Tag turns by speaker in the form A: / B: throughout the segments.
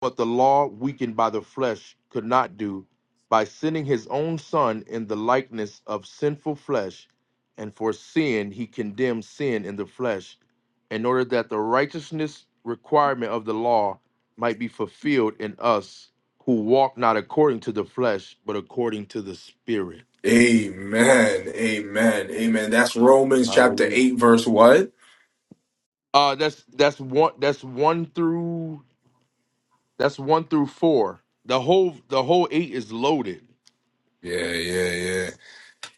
A: what the law, weakened by the flesh, could not do, by sending his own Son in the likeness of sinful flesh, and for sin he condemned sin in the flesh, in order that the righteousness requirement of the law might be fulfilled in us who walk not according to the flesh, but according to the Spirit.
B: Amen. Amen. Amen. That's Romans chapter
A: Hallelujah.
B: 8 verse what?
A: Uh, that's that's one that's one through that's one through four. The whole the whole eight is loaded.
B: Yeah, yeah, yeah.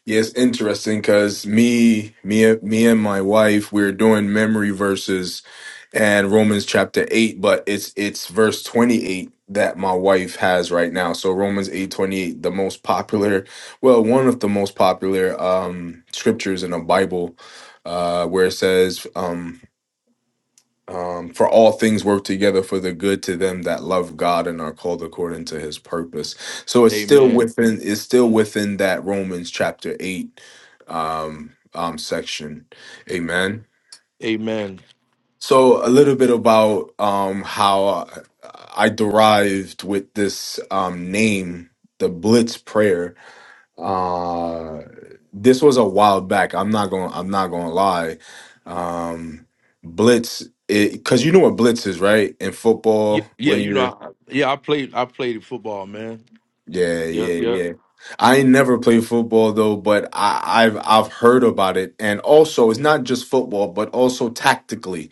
B: Yeah, it's interesting cuz me me me and my wife we're doing memory verses and Romans chapter 8, but it's it's verse 28 that my wife has right now. So Romans 8:28, the most popular, well, one of the most popular um scriptures in the Bible uh where it says um Um, for all things work together for the good to them that love God and are called according to His purpose. So it's still
A: Amen.
B: within it's still within that Romans chapter eight um, um, section. Amen.
A: Amen.
B: So a little bit about um, how I derived with this um, name, the Blitz Prayer uh, this was a while back. I'm not going. I'm not going to lie. Um, blitz, because you know what blitz is, right? In
A: Y-
B: football,
A: Yeah,
B: when
A: you know,
B: you're
A: I, yeah, I played, I played football, man.
B: yeah,
A: Yeah,
B: yeah,
A: yeah.
B: yeah. I ain't never played football though, but I, I've I've heard about it, and also it's not just football, but also tactically.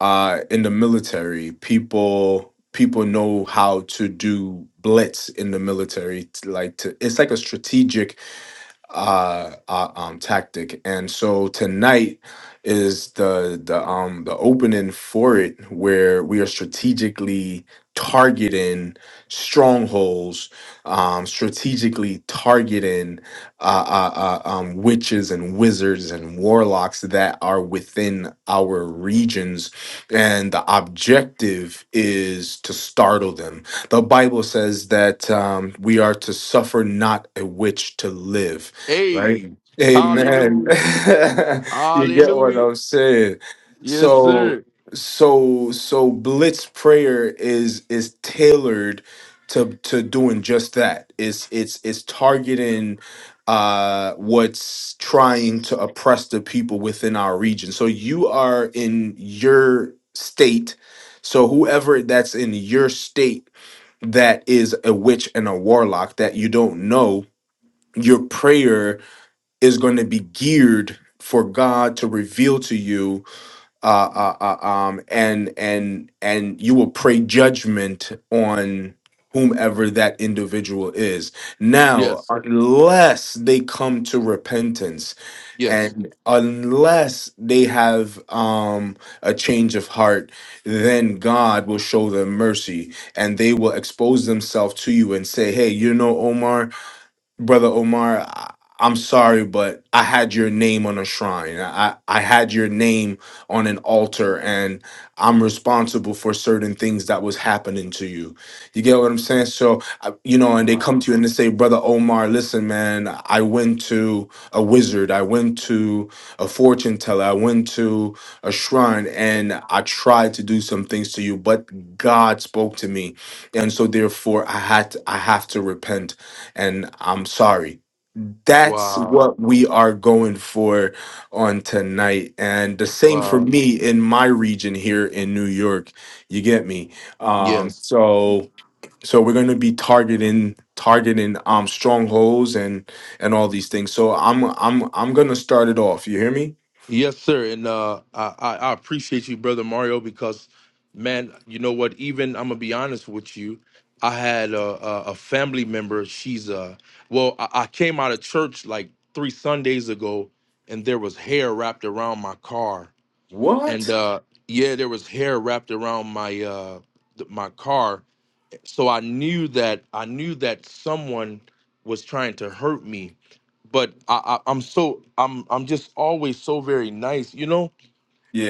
B: Uh, in the military, people people know how to do blitz in the military. t- Like to, it's like a strategic uh, uh um tactic and so tonight is the the um the opening for it where we are strategically targeting strongholds um strategically targeting uh, uh, uh um witches and wizards and warlocks that are within our regions and the objective is to startle them the bible says that um we are to suffer not a witch to live right?
A: Hey,
B: Amen.
A: hallelujah,
B: you get what
A: hallelujah.
B: I'm saying.
A: Yes,
B: So
A: sir.
B: so so blitz prayer is is tailored to to doing just that. It's it's it's targeting uh what's trying to oppress the people within our region. So you are in your state. So whoever that's in your state that is a witch and a warlock that you don't know, your prayer is going to be geared for God to reveal to you, uh, uh, uh, um, and and and you will pray judgment on whomever that individual is. Now,
A: Yes,
B: unless they come to repentance,
A: yes.
B: and unless they have um, a change of heart, then God will show them mercy, and they will expose themselves to you and say, "Hey, you know, Omar." brother Omar, I, I'm sorry, but I had your name on a shrine. I I had your name on an altar, and I'm responsible for certain things that was happening to you. You get what I'm saying? So I- you know, and they come
A: Wow,
B: to you and they say, brother Omar, listen, man, I went to a wizard, I went to a fortune teller, I went to a shrine, and I tried to do some things to you, but God spoke to me, and so therefore I had to, I have to repent and I'm sorry. That's
A: wow,
B: what we are going for on tonight. And the same for
A: wow.
B: me in my region here in New York. You get me? Um,
A: Yes,
B: so so we're gonna be targeting targeting um strongholds and and all these things. So I'm I'm I'm gonna start it off. You hear me?
A: yes, sir. And uh, I, I, I appreciate you, brother Mario, because man, you know what? Even I'm gonna be honest with you. I had a, a, a family member. She's uh, well, I, I came out of church like three Sundays ago, and there was hair wrapped around my car and
B: What?
A: uh yeah there was hair wrapped around my uh th- my car so i knew that i knew that someone was trying to hurt me but I, I i'm so i'm i'm just always so very nice you know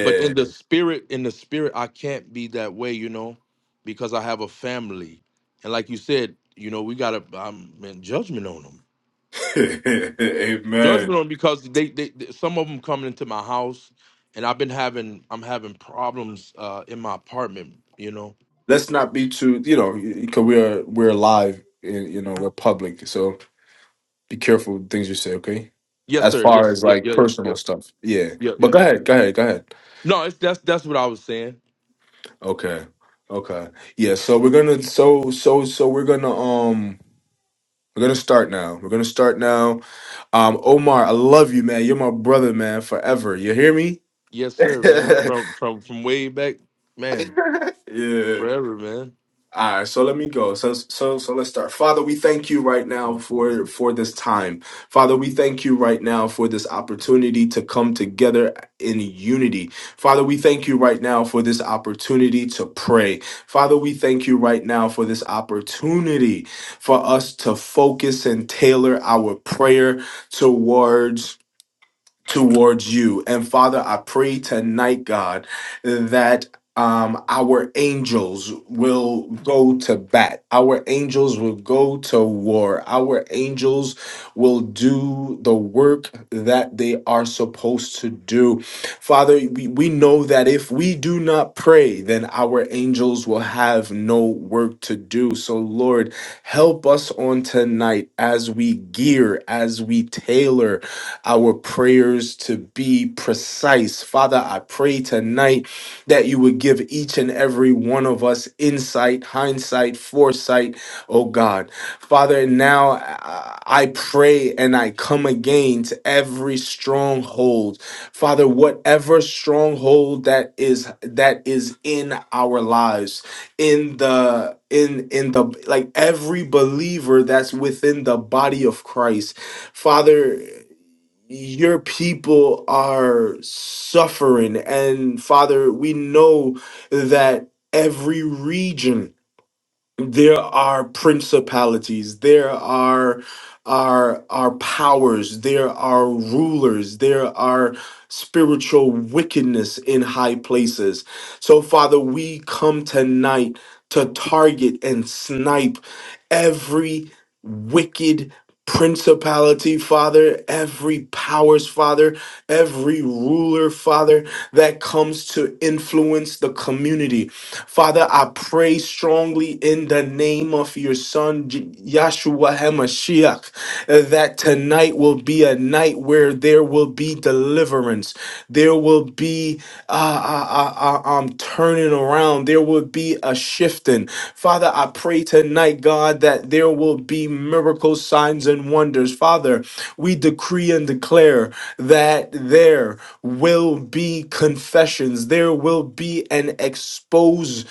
A: but in the spirit in the spirit i can't be that way you know because i have a family and like you said you know we gotta i'm in judgment on them
B: Amen.
A: judgment on because they, they, they- some of them coming into my house and i've been having i'm having problems uh in my apartment you know
B: Let's not be too, you know, because we are we're live, in, you know, we're public. So Be careful with things you say, okay?
A: yes
B: As
A: sir
B: far
A: yes
B: as
A: yeah
B: like
A: yeah yeah yeah
B: personal stuff. Yeah.
A: yeah,
B: But
A: yeah.
B: go ahead, go ahead, go ahead.
A: no it's that's that's what i was saying
B: Okay. Okay. Yeah, so we're gonna so so so we're gonna um we're gonna start now. We're gonna start now. Um Omar, I love you, man. You're my brother, man, forever. You hear me?
A: yes sir man from from from way back man
B: yeah.
A: forever man
B: All right, so let me go. So so so let's start. Father, we thank you right now
A: Thank you,
B: for
A: God.
B: for this time. Father, we thank you right now for this opportunity to come together in unity. Father, we thank you right now for this opportunity to pray. Father, we thank you right now for this opportunity for us to focus and tailor our prayer towards towards you. And Father, I pray tonight, God, that um, our angels will go to bat. Our angels will go to war. Our angels will do the work that they are supposed to do. Father, we, we know that if we do not pray, then our angels will have no work to do. So, Lord, help us on tonight as we gear, as we tailor our prayers to be precise. Father, I pray tonight that you would give each and every one of us insight, hindsight, foresight, oh God. Father, now I I pray and I come again to every stronghold. Father, whatever stronghold that is that is in our lives, in the in in the like every believer that's within the body of Christ. Father, your people are suffering. And Father, we know that every region there are principalities there are are are powers there are rulers there are spiritual wickedness in high places so father we come tonight to target and snipe every wicked principality father every powers father every ruler father that comes to influence the community Father, I pray strongly in the name of your son, J- Yahshua HaMashiach, uh, that tonight will be a night where there will be deliverance. There will be uh, I, I, I, I'm turning around. There will be a shifting. Father, I pray tonight, God, that there will be miracles, signs, and wonders. Father, we decree and declare that there will be confessions. There will be an expose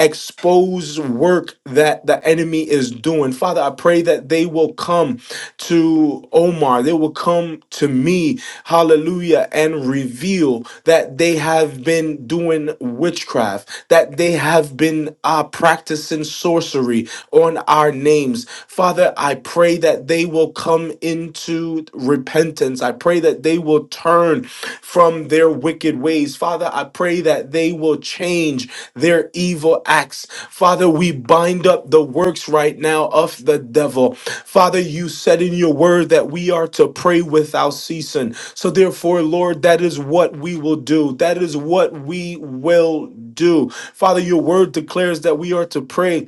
B: expose work that the enemy is doing. Father, I pray that they will come to Omar, they will come to me, hallelujah, and reveal that they have been doing witchcraft, that they have been uh, practicing sorcery on our names. Father, I pray that they will come into repentance. I pray pray that they will turn from their wicked ways. Father, I pray that they will change their evil acts. Father, we bind up the works right now of the devil. Father, you said in your word that we are to pray without ceasing. So, therefore, Lord, that is what we will do. That is what we will do. Father, your word declares that we are to pray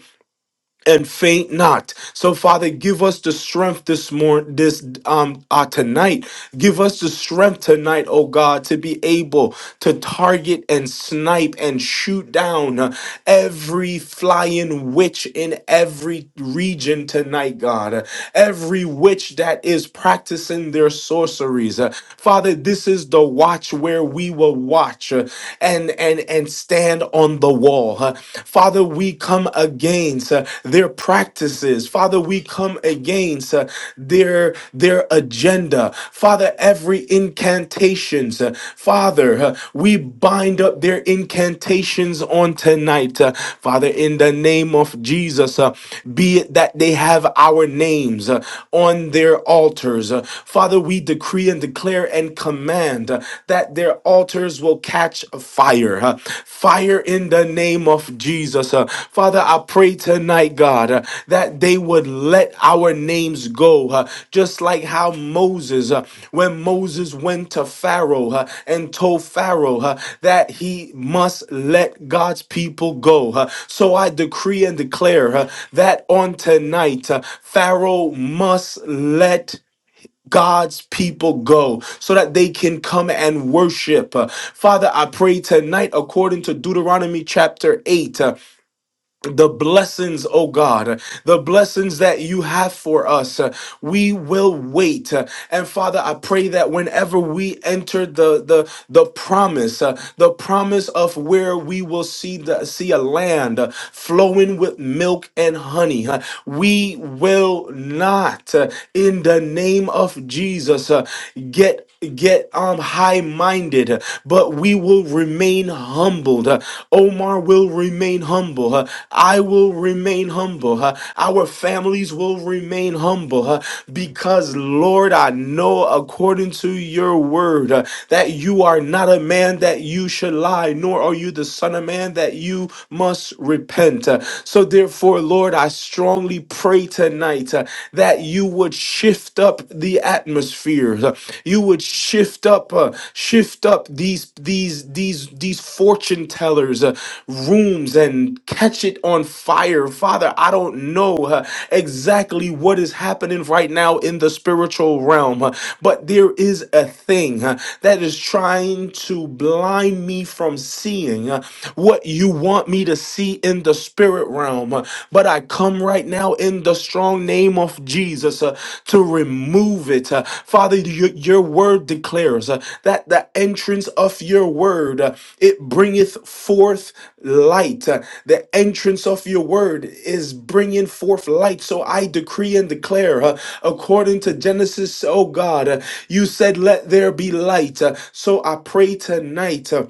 B: and faint not. So Father, give us the strength this morning, this um uh, tonight. Give us the strength tonight, oh God, to be able to target and snipe and shoot down uh, every flying witch in every region tonight, God. Uh, Every witch that is practicing their sorceries, Uh, Father. This is the watch where we will watch uh, and and and stand on the wall. huh? Father, we come against uh, their practices. Father, we come against uh, their their agenda. Father, every incantations. uh, Father, uh, we bind up their incantations on tonight. uh, Father, in the name of Jesus, uh, be it that they have our names uh, on their altars. uh, Father, we decree and declare and command. uh, that their altars will catch fire. huh? Fire in the name of Jesus. huh? Father, I pray tonight, God, uh, that they would let our names go, huh? just like how Moses, uh, when Moses went to Pharaoh huh, and told Pharaoh huh, that he must let God's people go. huh? So I decree and declare huh, that on tonight, uh, Pharaoh must let God's people go so that they can come and worship. Uh, Father, I pray tonight, according to Deuteronomy chapter 8 the blessings, oh God, the blessings that you have for us. uh, We will wait. uh, And Father, I pray that whenever we enter the the the promise, uh, the promise of where we will see the see a land uh, flowing with milk and honey, uh, we will not, uh, in the name of Jesus, uh, get get um high minded but we will remain humbled Uh, omar will remain humble uh, i will remain humble uh, our families will remain humble uh, because lord i know according to your word uh, that you are not a man that you should lie nor are you the son of man that you must repent Uh, so therefore lord i strongly pray tonight uh, that you would shift up the atmosphere. uh, You would shift up, uh, shift up these these these these fortune tellers' uh, rooms and catch it on fire, Father. I don't know uh, exactly what is happening right now in the spiritual realm, uh, but there is a thing uh, that is trying to blind me from seeing uh, what you want me to see in the spiritual spirit realm. Uh, But I come right now in the strong name of Jesus uh, to remove it. Uh, Father, your, your word declares uh, that the entrance of your word, uh, it bringeth forth light. Uh, The entrance of your word is bringing forth light. So I decree and declare, uh, according to Genesis, oh God, uh, you said, let there be light. Uh, So I pray tonight. uh,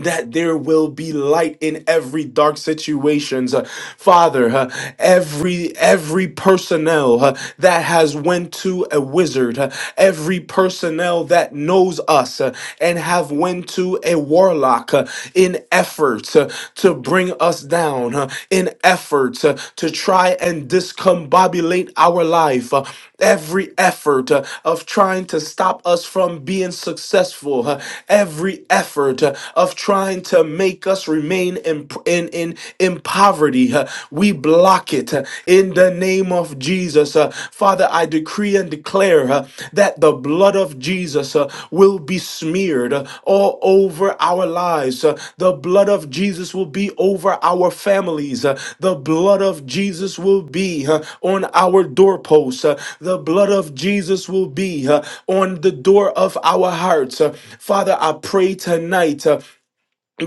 B: that there will be light in every dark situations Uh, father uh, every every personnel uh, that has went to a wizard uh, every personnel that knows us uh, and have went to a warlock uh, in efforts uh, to bring us down uh, in efforts uh, to try and discombobulate our life uh, every effort uh, of trying to stop us from being successful uh, every effort uh, of of trying to make us remain in in in, in poverty. uh, We block it uh, in the name of Jesus. Uh, Father, I decree and declare uh, that the blood of Jesus uh, will be smeared uh, all over our lives. Uh, The blood of Jesus will be over our families. Uh, The blood of Jesus will be uh, on our doorposts. Uh, The blood of Jesus will be uh, on the door of our hearts. Uh, Father, I pray tonight. uh,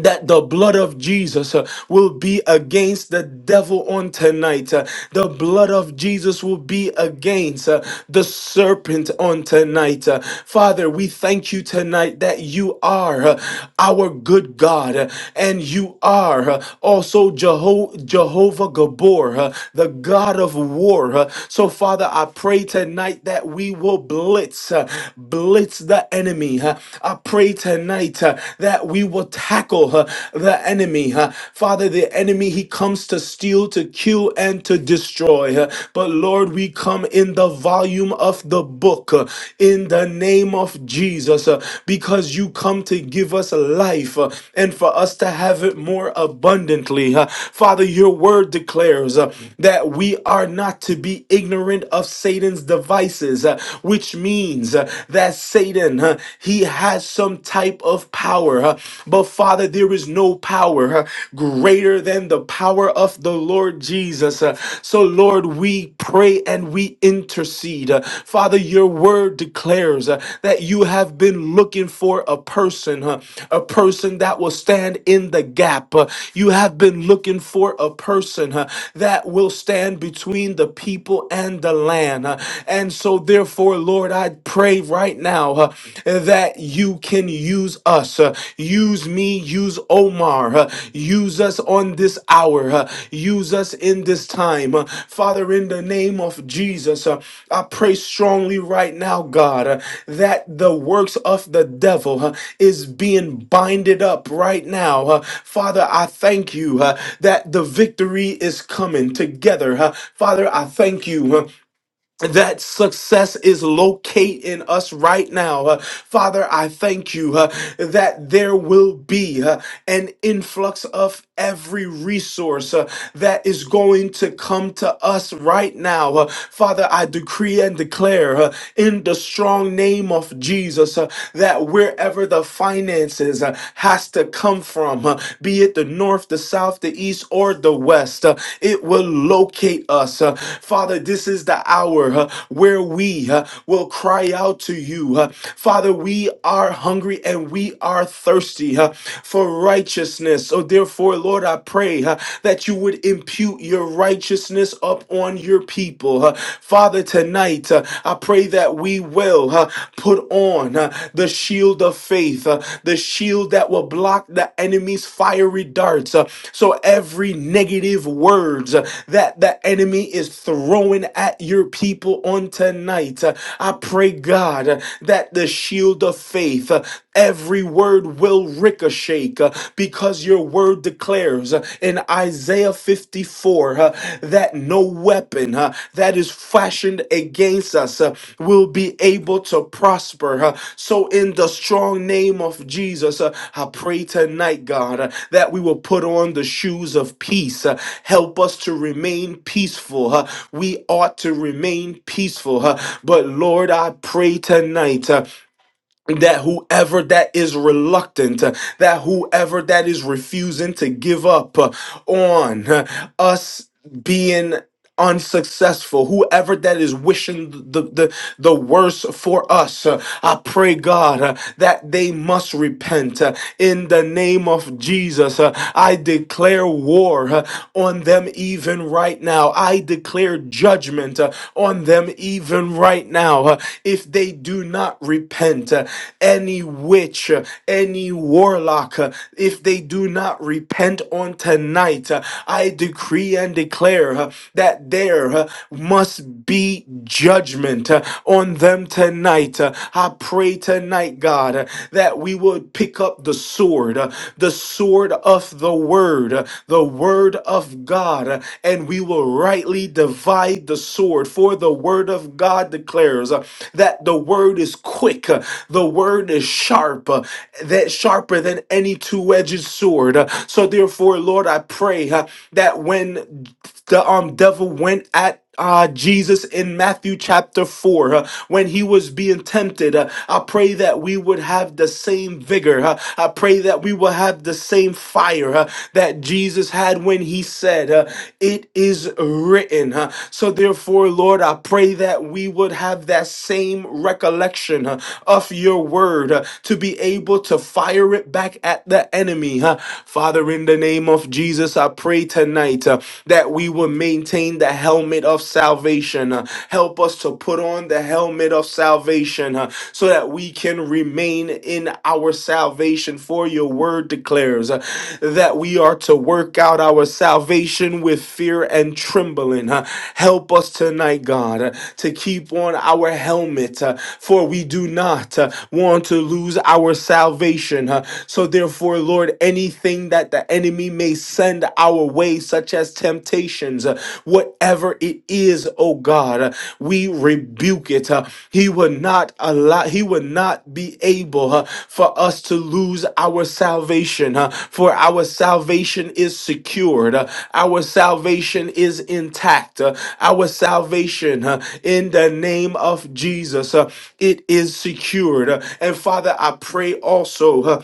B: that the blood of Jesus uh, will be against the devil on tonight. Uh, the blood of Jesus will be against uh, the serpent on tonight. Uh, Father, we thank you tonight that you are uh, our good God uh, and you are uh, also Jeho- Jehovah Gabor, uh, the God of war. uh. so, Father, I pray tonight that we will blitz, uh, blitz the enemy. uh. I pray tonight tonight uh, that we will tackle uh, the enemy. uh. Father, the enemy, he comes to steal, to kill, and to destroy. uh, but Lord, we come in the volume of the book uh, in the name of Jesus uh, because you come to give us life uh, and for us to have it more abundantly. uh. Father, your word declares uh, that we are not to be ignorant of Satan's devices, uh, which means uh, that Satan. Satan, huh, he has some type of power. huh. But Father, there is no power huh, greater than the power of the Lord Jesus. huh. So, Lord, we pray and we intercede. uh, Father, your word declares uh, that you have been looking for a person, huh, a person that will stand in the gap. uh, You have been looking for a person huh, that will stand between the people and the land. uh, And so, therefore, Therefore, Lord, I pray right now uh, that you can use us. uh, use me, use Omar. uh, use us on this hour. uh, use us in this time. uh, Father, in the name of Jesus, uh, I pray strongly right now, God, uh, that the works of the devil uh, is being binded up right now. uh, Father, I thank you uh, that the victory is coming together. uh, Father, I thank you. uh, that success is located in us right now. Uh, Father, I thank you uh, that there will be uh, an influx of every resource uh, that is going to come to us right now. Uh, Father, I decree and declare uh, in the strong name of Jesus uh, that wherever the finances uh, has to come from, uh, be it the north, the south, the east, or the west. Uh, it will locate us. Uh, Father, this is the hour uh, where we uh, will cry out to you. Uh, Father, we are hungry and we are thirsty uh, for righteousness. So, therefore, Lord, I pray uh, that you would impute your righteousness up on your people. Uh, Father, tonight, uh, I pray that that we will uh, put on uh, the shield of faith, uh, the shield that will block the enemy's fiery darts. uh, so every negative words uh, that the enemy is throwing at your people on tonight, uh, I pray, God, uh, that the shield of faith, uh, Every word will ricochet uh, because your word declares uh, in Isaiah 54 uh, that no weapon uh, that is fashioned against us uh, will be able to prosper. uh. So, in the strong name of Jesus, uh, I pray tonight, God, uh, that we will put on the shoes of peace. uh, Help us to remain peaceful. uh, We ought to remain peaceful. uh, But, Lord, I pray tonight. uh, that whoever that is reluctant, uh, that whoever that is refusing to give up uh, on uh, us being unsuccessful, whoever that is wishing the, the, the worst for us, uh, I pray, God, uh, that they must repent. uh, in the name of Jesus, uh, I declare war uh, on them even right now. I declare judgment uh, on them even right now. uh, if they do not repent, uh, any witch, uh, any warlock, uh, if they do not repent on tonight, uh, I decree and and declare uh, that there uh, must be judgment uh, on them tonight. Uh, I pray tonight, God, uh, that we would pick up the sword, uh, the sword of the word, uh, the word of God, uh, and we will rightly divide the sword. For the word of God declares uh, that the word is quick, uh, the word is sharp, uh, that sharper than any two-edged sword. Uh, So therefore, Lord, I pray. uh, say huh, that when the um devil went at uh, Jesus in Matthew chapter 4, uh, when he was being tempted, uh, I pray that we would have the same vigor. uh, I pray that we will have the same fire uh, that Jesus had when he said, uh, It is written. uh. So, therefore, Lord, I pray that we would have that same recollection uh, of your word uh, to be able to fire it back at the enemy. uh. Father, in the name of Jesus, I pray tonight uh, that we will maintain the helmet of salvation. uh, help us to put on the helmet of salvation uh, so that we can remain in our salvation. For your word declares uh, that we are to work out our salvation with fear and trembling. uh, help us tonight, God, uh, to keep on our helmet, uh, for we do not uh, want to lose our salvation. uh, so, therefore, Lord, forward anything that the enemy may send our way, such as temptations, uh, whatever it is, oh God, uh, we rebuke it. uh, He will not allow, He will not be able uh, for us to lose our salvation, uh, for our salvation is secured, uh, our salvation is intact, uh, our salvation uh, in the name of Jesus, uh, it is secured. Uh, And Father, I pray also. uh,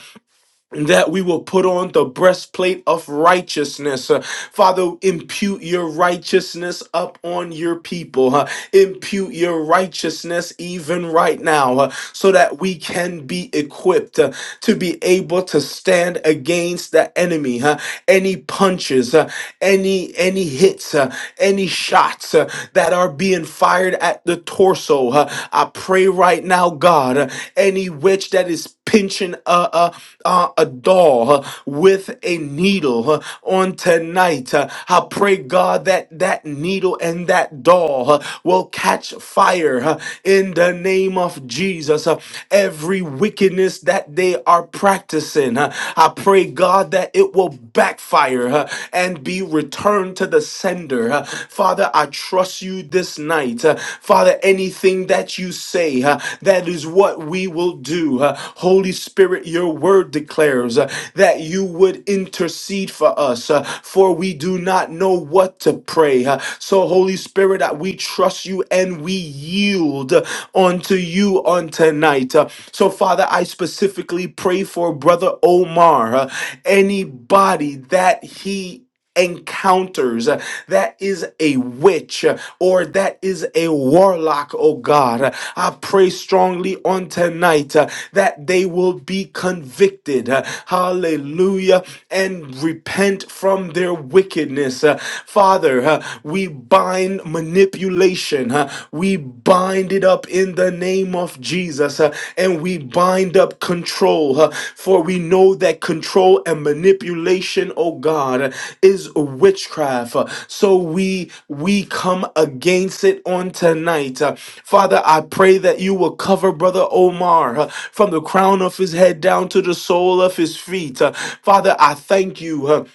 B: that we will put on the breastplate of righteousness. Uh, Father, impute your righteousness up on your people. huh? impute your righteousness even right now uh, so that we can be equipped uh, to be able to stand against the enemy. huh? any punches, uh, any any hits, uh, any shots uh, that are being fired at the torso. uh, I pray right now, God, uh, any witch that is pinching a, a, a, a doll uh, with a needle uh, on tonight. Uh, I pray, God, that that needle and that doll uh, will catch fire uh, in the name of Jesus. Uh, Every wickedness that they are practicing, uh, I pray, God, that it will backfire uh, and be returned to the sender. Uh, Father, I trust you this night. Uh, Father, anything that you say, uh, that is what we will do. Uh, Holy Spirit, your word declares uh, that you would intercede for us, uh, for we do not know what to pray. Uh, so, Holy Spirit, uh, we trust you and we yield uh, unto you on tonight. Uh, so, Father, I specifically pray for Brother Omar, uh, anybody that he encounters uh, that is a witch uh, or that is a warlock oh god Uh, i pray strongly on tonight uh, that they will be convicted uh, hallelujah and repent from their wickedness Uh, father uh, we bind manipulation uh, we bind it up in the name name of Jesus. uh, And we bind up control, uh, for we know that control and manipulation, oh God, uh, is witchcraft. Uh, So we we come against it on tonight. Uh, Father, I pray that you will cover Brother Omar uh, from the crown of his head down to the sole of his feet. Uh, Father, I thank you. uh,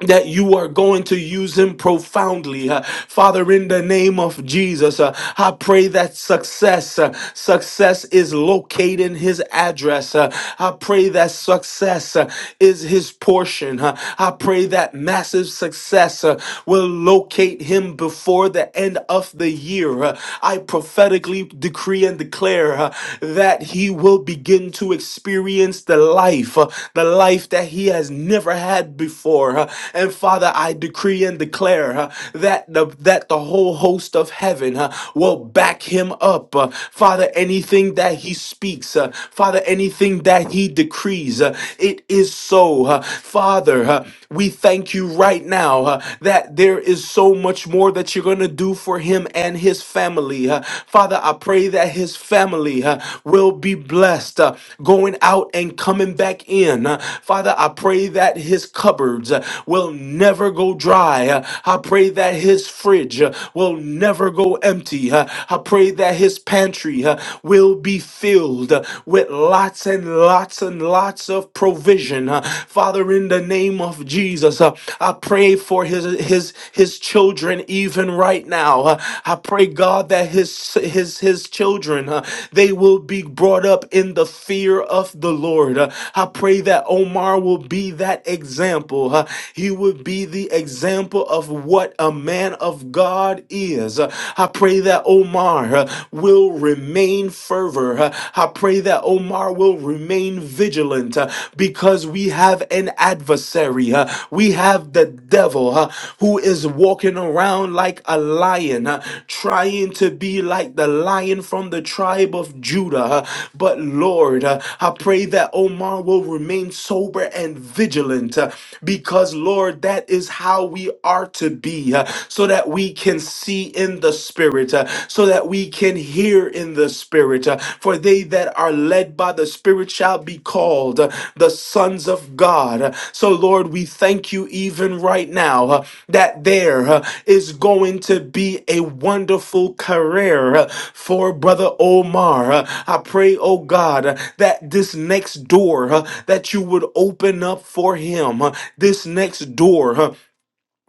B: that you are going to use him profoundly. Uh, Father, in the name of Jesus, uh, I pray that success, uh, success is locating his address. Uh, I pray that success uh, is his portion. Uh, I pray that massive success uh, will locate him before the end of the year. Uh, I prophetically decree and declare uh, that he will begin to experience the life, uh, the life that he has never had before. uh, And Father, I decree and declare uh, that the that the whole host of heaven uh, will back him up. uh, Father, anything that he speaks, uh, Father, anything that he decrees, uh, it is so. uh, Father, uh, we thank you right now uh, that there is so much more that you're going to do for him and his family family. uh, Father, I pray that his family uh, will be blessed uh, going out and coming back in. Uh, Father, I pray that his cupboards uh, will never go dry. Uh, I pray that his fridge uh, will never go empty. Uh, I pray that his pantry uh, will be filled uh, with lots and lots and lots of provision. Uh, Father, in the name of Jesus, uh, I I pray for his his his children even right now. Uh, I pray God that his his his children uh, they will be brought up in the fear of the Lord. Uh, I pray that Omar will be that example. Uh, He would be the example of what a man of God is. Uh, I pray that Omar uh, will remain fervor. Uh, I pray that Omar will remain remain vigilant uh, because we have an adversary. uh, We have the devil uh, who is walking around like a lion, uh, trying to be like the lion from the tribe of Judah. uh, But Lord, uh, I pray that Omar will remain sober and vigilant uh, because, Lord, that is how we are to be uh, so that we can see in the spirit, uh, so that we can hear in the Spirit. Uh, For they that are led by the Spirit shall be called uh, the sons of God. Uh, So, Lord, we thank you even right now uh, that there uh, is going to be a wonderful career uh, for Brother Omar. Uh, I pray, oh God, uh, that this next door uh, that you would open up for him, uh, this next door door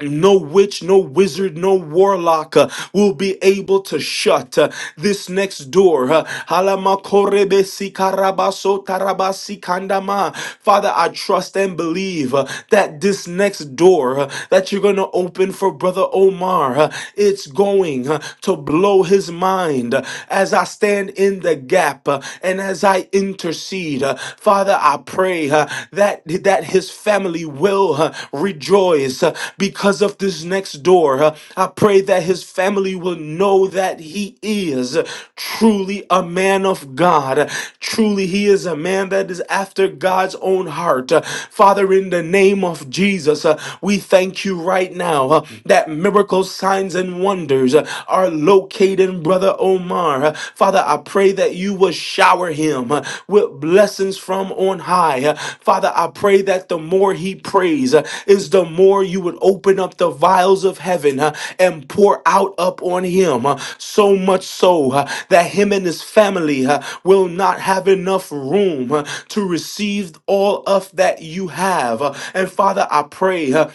B: no witch, no wizard, no warlock uh, will be able to shut uh, this next door. Uh, Halamakorebe sikarabaso tarabasi kandama. Father, I trust and believe uh, that this next door uh, that you're going to open for Brother Omar, uh, it's going uh, to blow his mind uh, as I stand in the gap uh, and as I intercede. Uh, Father, Father, I pray uh, that that his family will uh, rejoice uh, because of this next door. uh, I pray that his family will know that he is truly a man of God. Truly, he is a man that is after God's own heart. Uh, Father, in the name of Jesus, uh, we thank you right now uh, that miracles, signs, and wonders uh, are located even Brother Omar. Uh, Father, I pray that you will shower him uh, with blessings from on high. Uh, Father, I pray that the more he prays uh, is the more you would open up the vials of heaven uh, and pour out up on him. uh, So much so uh, that him and his family uh, will not have enough room uh, to receive all of that you have. Uh, And Father, I pray uh,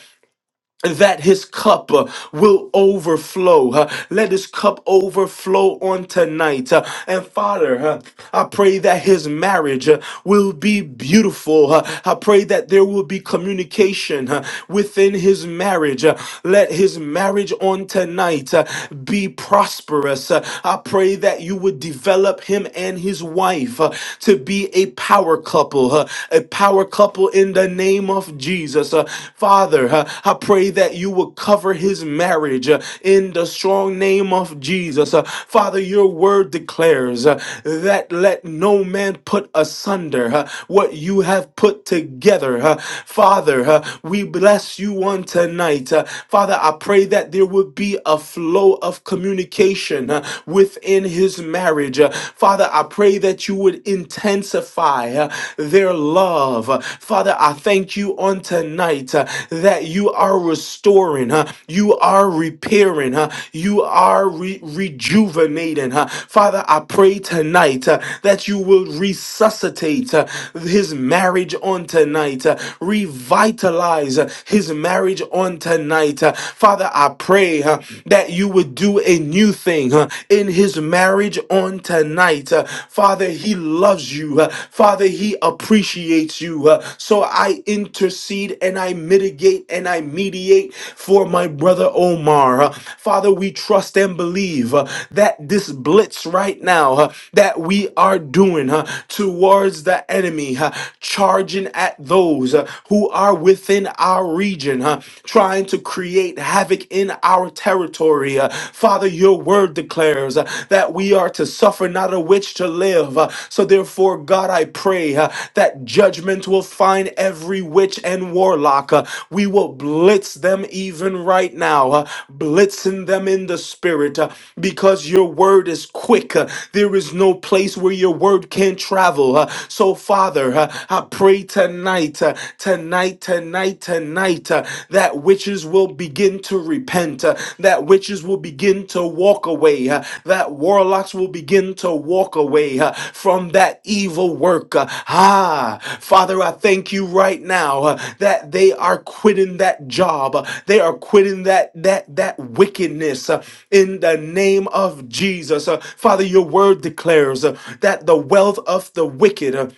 B: that his cup uh, will overflow. uh, let his cup overflow on tonight. uh, and Father, uh, I pray that his marriage uh, will be beautiful. uh, I pray that there will be communication uh, within his marriage. uh, let his marriage on tonight uh, be prosperous. uh, I pray that you would develop him and his wife uh, to be a power couple, uh, a power couple people in the name of Jesus. Uh, Father, uh, I pray that you will cover his marriage uh, in the strong name of Jesus. Uh, Father, your word declares uh, that let no man put asunder uh, what you have put together. uh. Father, uh, we bless you on tonight. Uh, Father, I pray that there would be a flow of communication uh, within his marriage. Uh, Father, I pray that you would would intensify uh, their love. Uh, Father, I thank you on tonight uh, that you are restoring, uh, you are repairing, uh, you are re- rejuvenating. uh. Father, I pray tonight uh, that you will resuscitate uh, his marriage on tonight, uh, revitalize uh, his marriage on tonight. uh. Father, I pray uh, that you would do a new thing uh, in his marriage on tonight. Uh, Father, he loves you. Uh, Father, he appreciates you. Uh, So I intercede and I mitigate and I mediate for my brother Omar. Uh, Father, we trust and believe uh, that this blitz right now uh, that we are doing uh, towards the enemy, uh, charging at those uh, who are within our region, uh, trying to create havoc havoc in our territory. Uh, Father, your word declares uh, that we are to suffer not a witch to live. Uh, So therefore, God, I pray uh, that judgment will find every witch and warlock. Uh, We will blitz them even right now, uh, blitzing them in the spirit uh, because your word is quick. Uh, There is no place where your word can not travel. Uh, So, Father, uh, I pray tonight, uh, tonight, tonight, tonight, tonight, uh, that witches will begin to repent, uh, that witches will begin to walk away, uh, that warlocks will begin to walk away uh, from that evil work. uh. ah, Father, I thank you right now uh, that they are quitting that job, uh, they are quitting that that that wickedness uh, in the name of Jesus. Uh, Father, your word declares uh, that the wealth of the wicked. uh,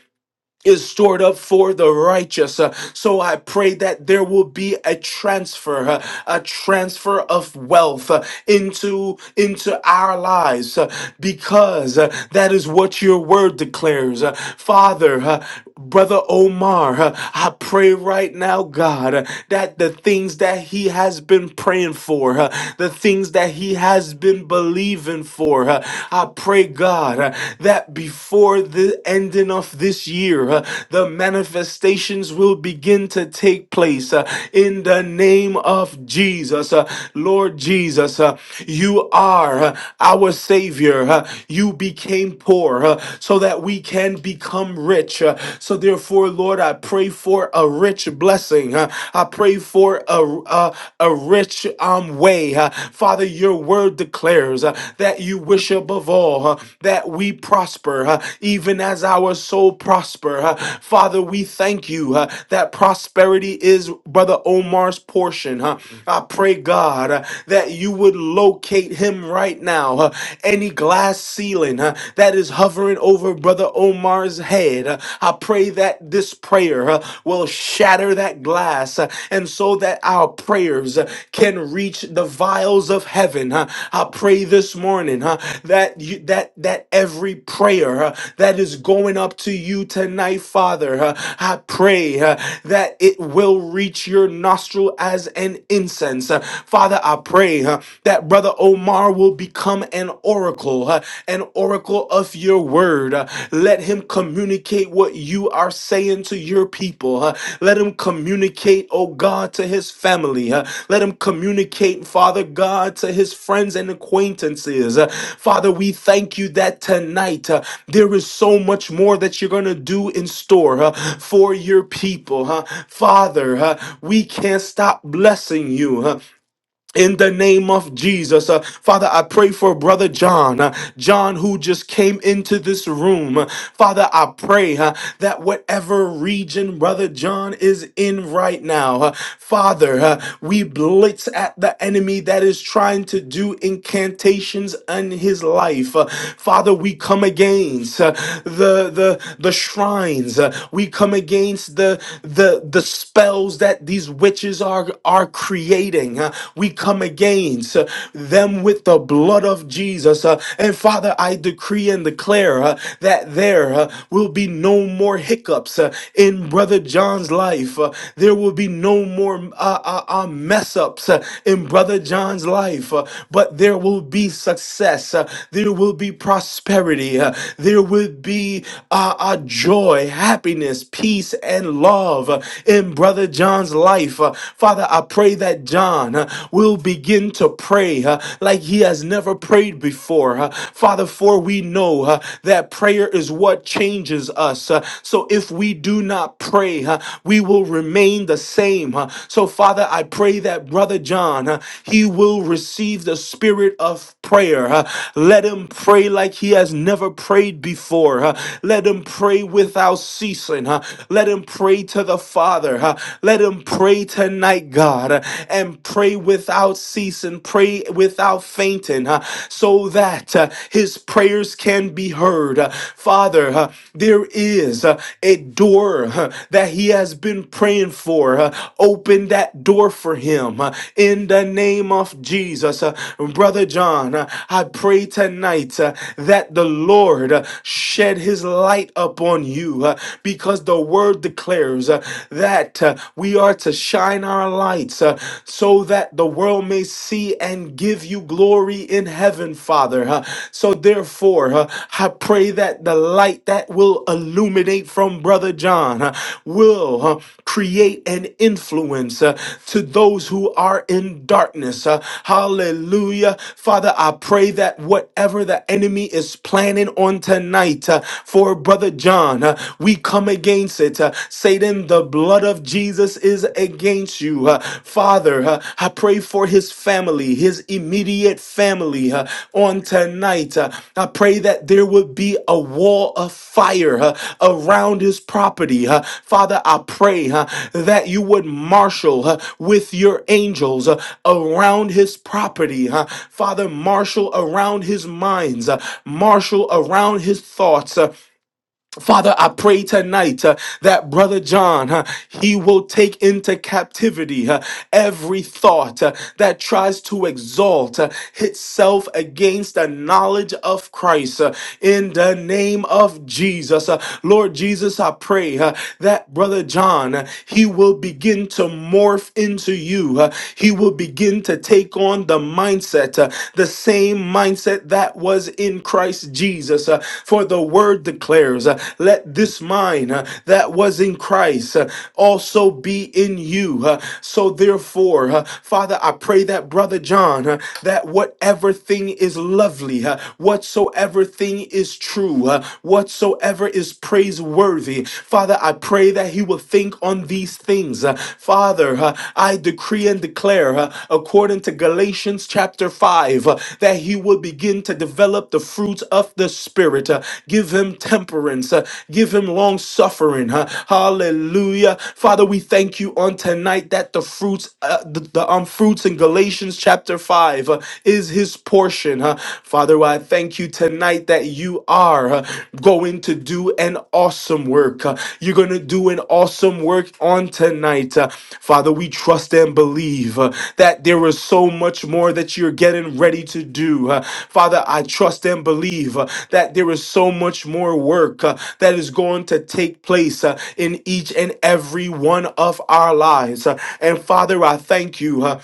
B: is stored up for the righteous. Uh, So I pray that there will be a transfer, uh, a transfer of wealth uh, into into our lives uh, because uh, that is what your word declares. Uh, Father, uh, Brother Omar, uh, I pray right now, God, uh, that the things that he has been praying for, uh, the things that he has been believing for, uh, I pray, God, uh, that before the ending of this year, uh, the manifestations will begin to take place uh, in the name of Jesus. Uh, Lord Jesus, uh, you are uh, our Savior. uh, You became poor uh, so so that we can become rich. Uh, So therefore, Lord, I pray for a rich blessing. Uh, I pray for a a, a rich um way. Uh, Father, your word declares uh, that you wish above all uh, that we prosper, uh, even as our soul prosper. Uh, Father, we thank you uh, that prosperity is Brother Omar's portion. huh? I pray, God, uh, that you would locate him right now. uh, Any glass ceiling uh, that is hovering over Brother Omar's head. Uh, I pray that this prayer uh, will shatter that glass uh, and so that our prayers uh, can reach the vials of heaven. uh. I pray this morning uh, that you, that that every prayer uh, that is going up to you tonight, Father, uh, I pray uh, that it will reach your nostril as an incense. Uh, Father, I pray uh, that brother Brother Omar will become an oracle, uh, an oracle of your word. Uh, Let him communicate what you are saying to your people. uh, Let him communicate, oh God, to his family. uh, Let him communicate, Father God, to his friends and acquaintances. Uh, Father, we thank you that tonight uh, there is so much more that you're going to do in store uh, for your people. huh? Father, uh, we can't stop blessing you. huh? in the name of Jesus. Uh, Father, I pray for Brother John, uh, John who just came into this room. Uh, Father, I pray uh, that whatever region Brother John is in right now, uh, Father, uh, we blitz at the enemy that is trying to do incantations in his life. Uh, Father, we come against uh, the, the, the shrines. Uh, we come against the, the, the spells that these witches are, are creating. uh, We come against uh, them with the blood of Jesus. uh, And Father, I decree and declare uh, that there uh, will be no more hiccups uh, in Brother John's life. uh, There will be no more uh, uh, uh, mess ups uh, in Brother John's life, uh, but there will be success. uh, There will be prosperity. uh, There will be uh, uh, joy, happiness, peace, and love uh, in Brother John's life life. Uh, Father, I pray that John uh, will begin to pray uh, like he has never prayed before. Uh, Father, for we know uh, that prayer is what changes us. Uh, So if we do not pray, uh, we will remain the same. Uh, So, Father, I pray that Brother John, uh, he will receive the spirit of prayer. Uh, Let him pray like he has never prayed before. Uh, Let him pray without ceasing. Uh, Let him pray to the Father. Father, uh, let him pray tonight, God, uh, and pray without ceasing, pray without fainting, uh, so that uh, his prayers can be heard. Uh, Father, uh, there is uh, a door uh, that he has been praying for. Uh, Open that door for him uh, in the name of Jesus. Uh, Brother John, uh, I pray tonight uh, that the Lord uh, shed his light upon you uh, because the word word declares uh, that uh, we are to shine our lights uh, so that the world may see and give you glory in heaven, Father. Uh, so, therefore, uh, I pray that the light that will illuminate from Brother John uh, will uh, create an influence uh, to those who are in darkness. Uh, hallelujah. Father, I pray that whatever the enemy is planning on tonight uh, for Brother John, uh, we come against it. Uh, Satan, the blood of Jesus is against you. Uh, Father, uh, I pray for his family, his immediate family uh, on tonight. Uh, I pray that there would be a wall of fire uh, around his property. uh. Father, I pray uh, that you would marshal uh, with your angels uh, around his property. uh. Father, marshal around his minds, uh, marshal around his thoughts. uh, Father, I pray tonight uh, that Brother John, uh, he will take into captivity uh, every thought uh, that tries to exalt uh, itself against the knowledge of Christ. uh, in the name of Jesus, Uh, Lord Jesus, I pray uh, that Brother John, uh, he will begin to morph into you. uh, he will begin to take on the mindset mindset, uh, the same mindset that was in Christ Jesus. uh, for the word declares, uh, let this mind uh, that was in Christ uh, also be in you. uh, so therefore, uh, Father, I pray that Brother John, uh, that whatever thing is lovely, uh, whatsoever thing is true, uh, whatsoever is praiseworthy, Father, I pray that he will think on these things. Uh, Father, uh, I decree and declare, uh, according to Galatians chapter 5, uh, that he will begin to develop the fruits of the Spirit. Uh, Give him temperance, uh, give him long suffering. uh, Hallelujah. Father, we thank you on tonight that the fruits, uh, the, the um, fruits in Galatians chapter 5 uh, is his portion. uh. Father, I thank you tonight that that you are uh, going to do an awesome work. Uh, You're going to do an awesome work on tonight. Uh, Father, we trust and believe uh, that there is so much more that you're getting ready to do. Uh, Father, I trust and believe uh, that there is so much more work uh, that is going to take place uh, in each and every one of our lives. Uh, And Father, I thank you. uh,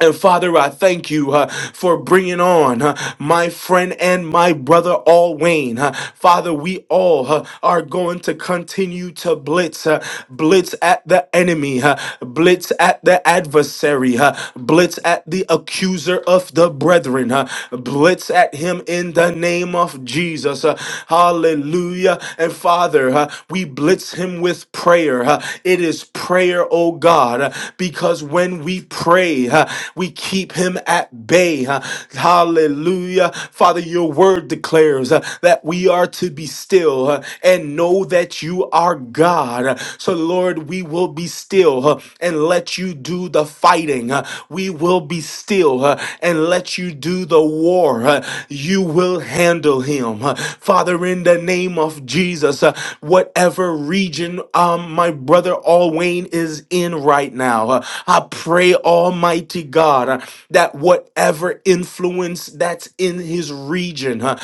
B: and Father, I thank you uh, for bringing on uh, my friend and my brother, All Wayne. Uh, Father, we all uh, are going to continue to blitz, uh, blitz at the enemy, uh, blitz at the adversary, uh, blitz at the accuser of the brethren, uh, blitz at him in the name of Jesus. Uh, hallelujah. And Father, uh, we blitz him with prayer. uh, it is prayer, oh God, uh, because when we pray, pray. huh, we keep him at bay. huh? Hallelujah. Father, your word declares uh, that we are to be still uh, and know that you are God. Uh, So, Lord, we will be still uh, and let you do the fighting. uh, We will be still uh, and let you do the war. uh, You will handle him. uh, Father, in the name of Jesus, uh, whatever region um, my brother Alwayne is in right now, uh, I pray, Almighty God uh, that whatever influence that's in his region uh,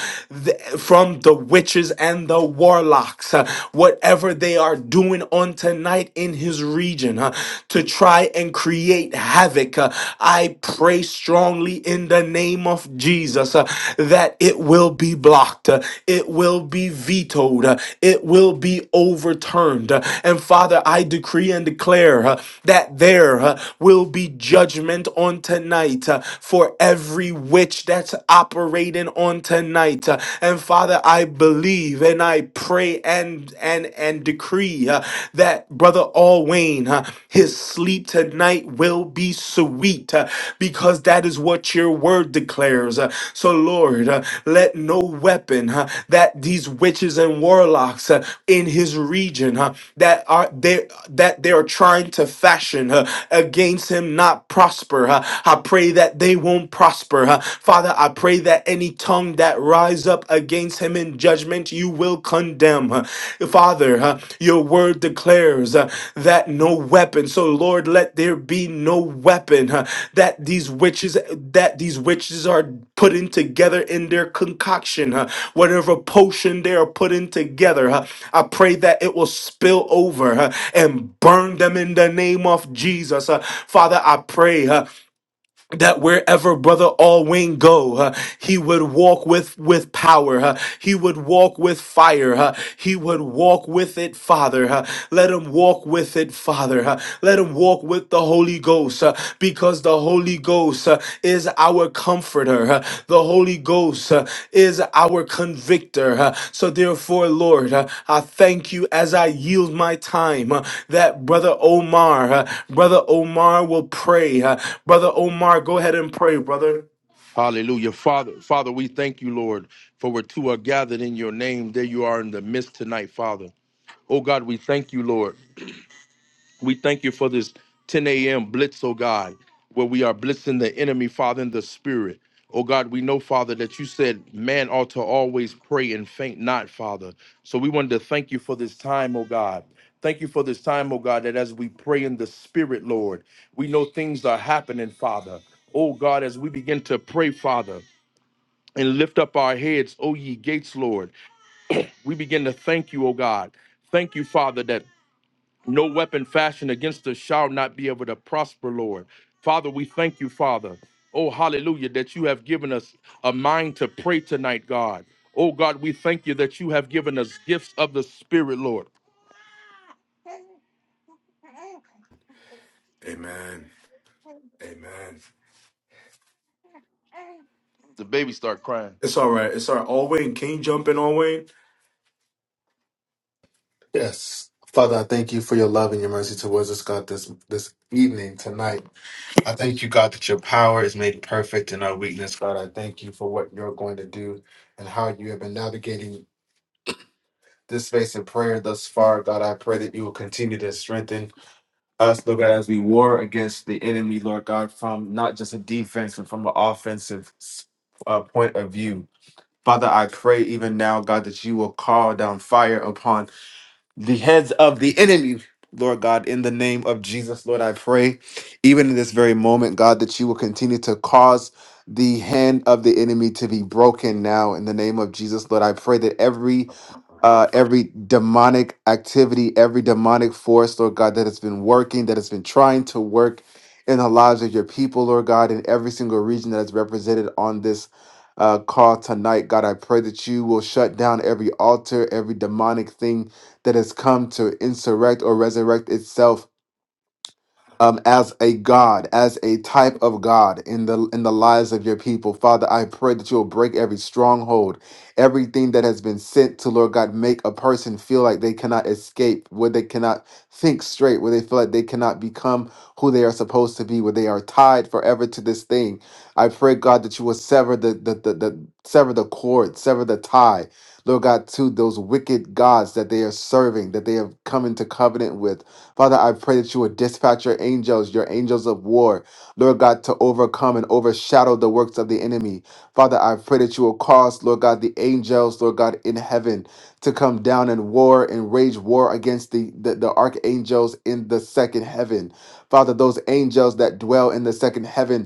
B: th- from the witches and the warlocks, uh, whatever they are doing on tonight in his region uh, to try and create havoc, uh, I pray strongly in the name of Jesus uh, that it will be blocked, uh, it will be vetoed, uh, it will be overturned. uh, And Father, I decree and declare uh, that there uh, will be judgment on tonight uh, for every witch that's operating on tonight. uh, And Father, I believe and I pray and and and decree uh, that brother All uh, his sleep tonight will be sweet uh, because that is what your word declares. uh, So Lord, uh, let no weapon uh, that these witches and warlocks uh, in his region uh, that are they that they are trying to fashion uh, against him not prosper prosper. Uh, I pray that they won't prosper. Uh, Father, I pray that any tongue that rise up against him in judgment, you will condemn. Uh, Father, uh, your word declares uh, that no weapon. So Lord, let there be no weapon uh, that these witches that these witches are putting together in their concoction, uh, whatever potion they are putting together. uh, I pray that it will spill over uh, and burn them in the name of Jesus. Uh, Father, I pray. uh, that wherever brother Alwyn go, uh, he would walk with with power. uh, he would walk with fire. uh, he would walk with it, Father. uh, let him walk with it, Father. uh, let him walk with the Holy Ghost, uh, because the Holy Ghost uh, is our comforter. Uh, The Holy Ghost uh, is our convictor. Uh, So, therefore, Lord, uh, I thank you as I yield my time uh, that Brother Omar, uh, Brother Omar will pray. Uh, Brother Omar, go ahead and pray, brother.
A: Hallelujah. Father, Father, we thank you, Lord, for where two are gathered in your name. There you are in the midst tonight, Father. Oh God, we thank you, Lord. We thank you for this 10 a.m. blitz, oh God, where we are blitzing the enemy, Father, in the spirit. Oh God, we know, Father, that you said man ought to always pray and faint not, Father. So we wanted to thank you for this time, oh God. Thank you for this time, oh God, that as we pray in the spirit, Lord, we know things are happening, Father. Oh God, as we begin to pray, Father, and lift up our heads, O ye gates, Lord, we begin to thank you, oh God. Thank you, Father, that no weapon fashioned against us shall not be able to prosper, Lord. Father, we thank you, Father. Oh, hallelujah, that you have given us a mind to pray tonight, God. Oh, God, we thank you that you have given us gifts of the Spirit, Lord.
B: Amen. Amen.
A: The baby start crying.
B: It's all right. It's all right. All Wayne, can you jump in, All Wayne?
C: Yes. Father, I thank you for your love and your mercy towards us, God, this this evening, tonight. I thank you, God, that your power is made perfect in our weakness, God. I thank you for what you're going to do and how you have been navigating this space in prayer thus far, God. I pray that you will continue to strengthen us, Lord God, as we war against the enemy, Lord God, from not just a defense and from an offensive uh, point of view. Father, I pray even now, God, that you will call down fire upon the heads of the enemy, Lord God, in the name of Jesus, Lord, I pray, even in this very moment, God, that you will continue to cause the hand of the enemy to be broken now in the name of Jesus, Lord. I pray that every uh, every demonic activity, every demonic force, Lord God, that has been working, that has been trying to work in the lives of your people, Lord God, in every single region that is represented on this uh, call tonight. God, I pray that you will shut down every altar, every demonic thing that has come to insurrect or resurrect itself um, as a God, as a type of God in the in the lives of your people. Father, I pray that you will break every stronghold, everything that has been sent to Lord God, make a person feel like they cannot escape, where they cannot think straight, where they feel like they cannot become who they are supposed to be, where they are tied forever to this thing. I pray, God, that you will sever the the the, the sever the cord, sever the tie. Lord God, to those wicked gods that they are serving, that they have come into covenant with. Father, I pray that you would dispatch your angels, your angels of war, Lord God, to overcome and overshadow the works of the enemy. Father, I pray that you will cause, Lord God, the angels, Lord God, in heaven to come down and war and rage war against the, the, the archangels in the second heaven. Father, those angels that dwell in the second heaven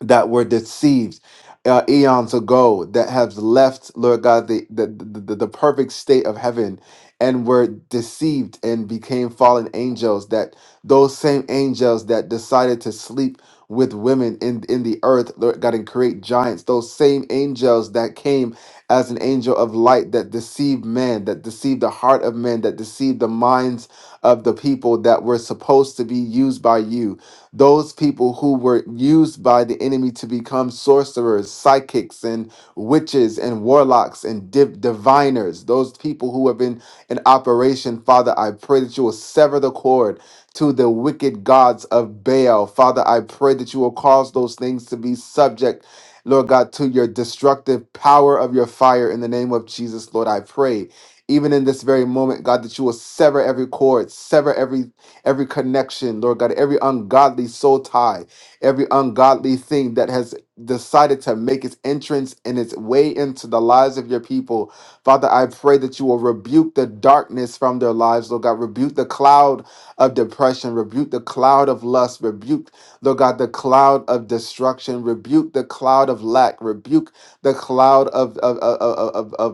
C: that were deceived uh, eons ago that have left lord god the, the the the perfect state of heaven and were deceived and became fallen angels that those same angels that decided to sleep with women in in the earth lord god and create giants those same angels that came as an angel of light that deceived man that deceived the heart of men that deceived the minds of the people that were supposed to be used by you those people who were used by the enemy to become sorcerers, psychics, and witches, and warlocks, and div- diviners, those people who have been in operation, Father, I pray that you will sever the cord to the wicked gods of Baal. Father, I pray that you will cause those things to be subject. Lord God, to your destructive power of your fire in the name of Jesus, Lord, I pray even in this very moment, God, that you will sever every cord, sever every every connection, Lord God, every ungodly soul tie, every ungodly thing that has decided to make its entrance and its way into the lives of your people. Father, I pray that you will rebuke the darkness from their lives, Lord God. Rebuke the cloud of depression, rebuke the cloud of lust, rebuke, Lord God, the cloud of destruction, rebuke the cloud of lack, rebuke the cloud of, of, of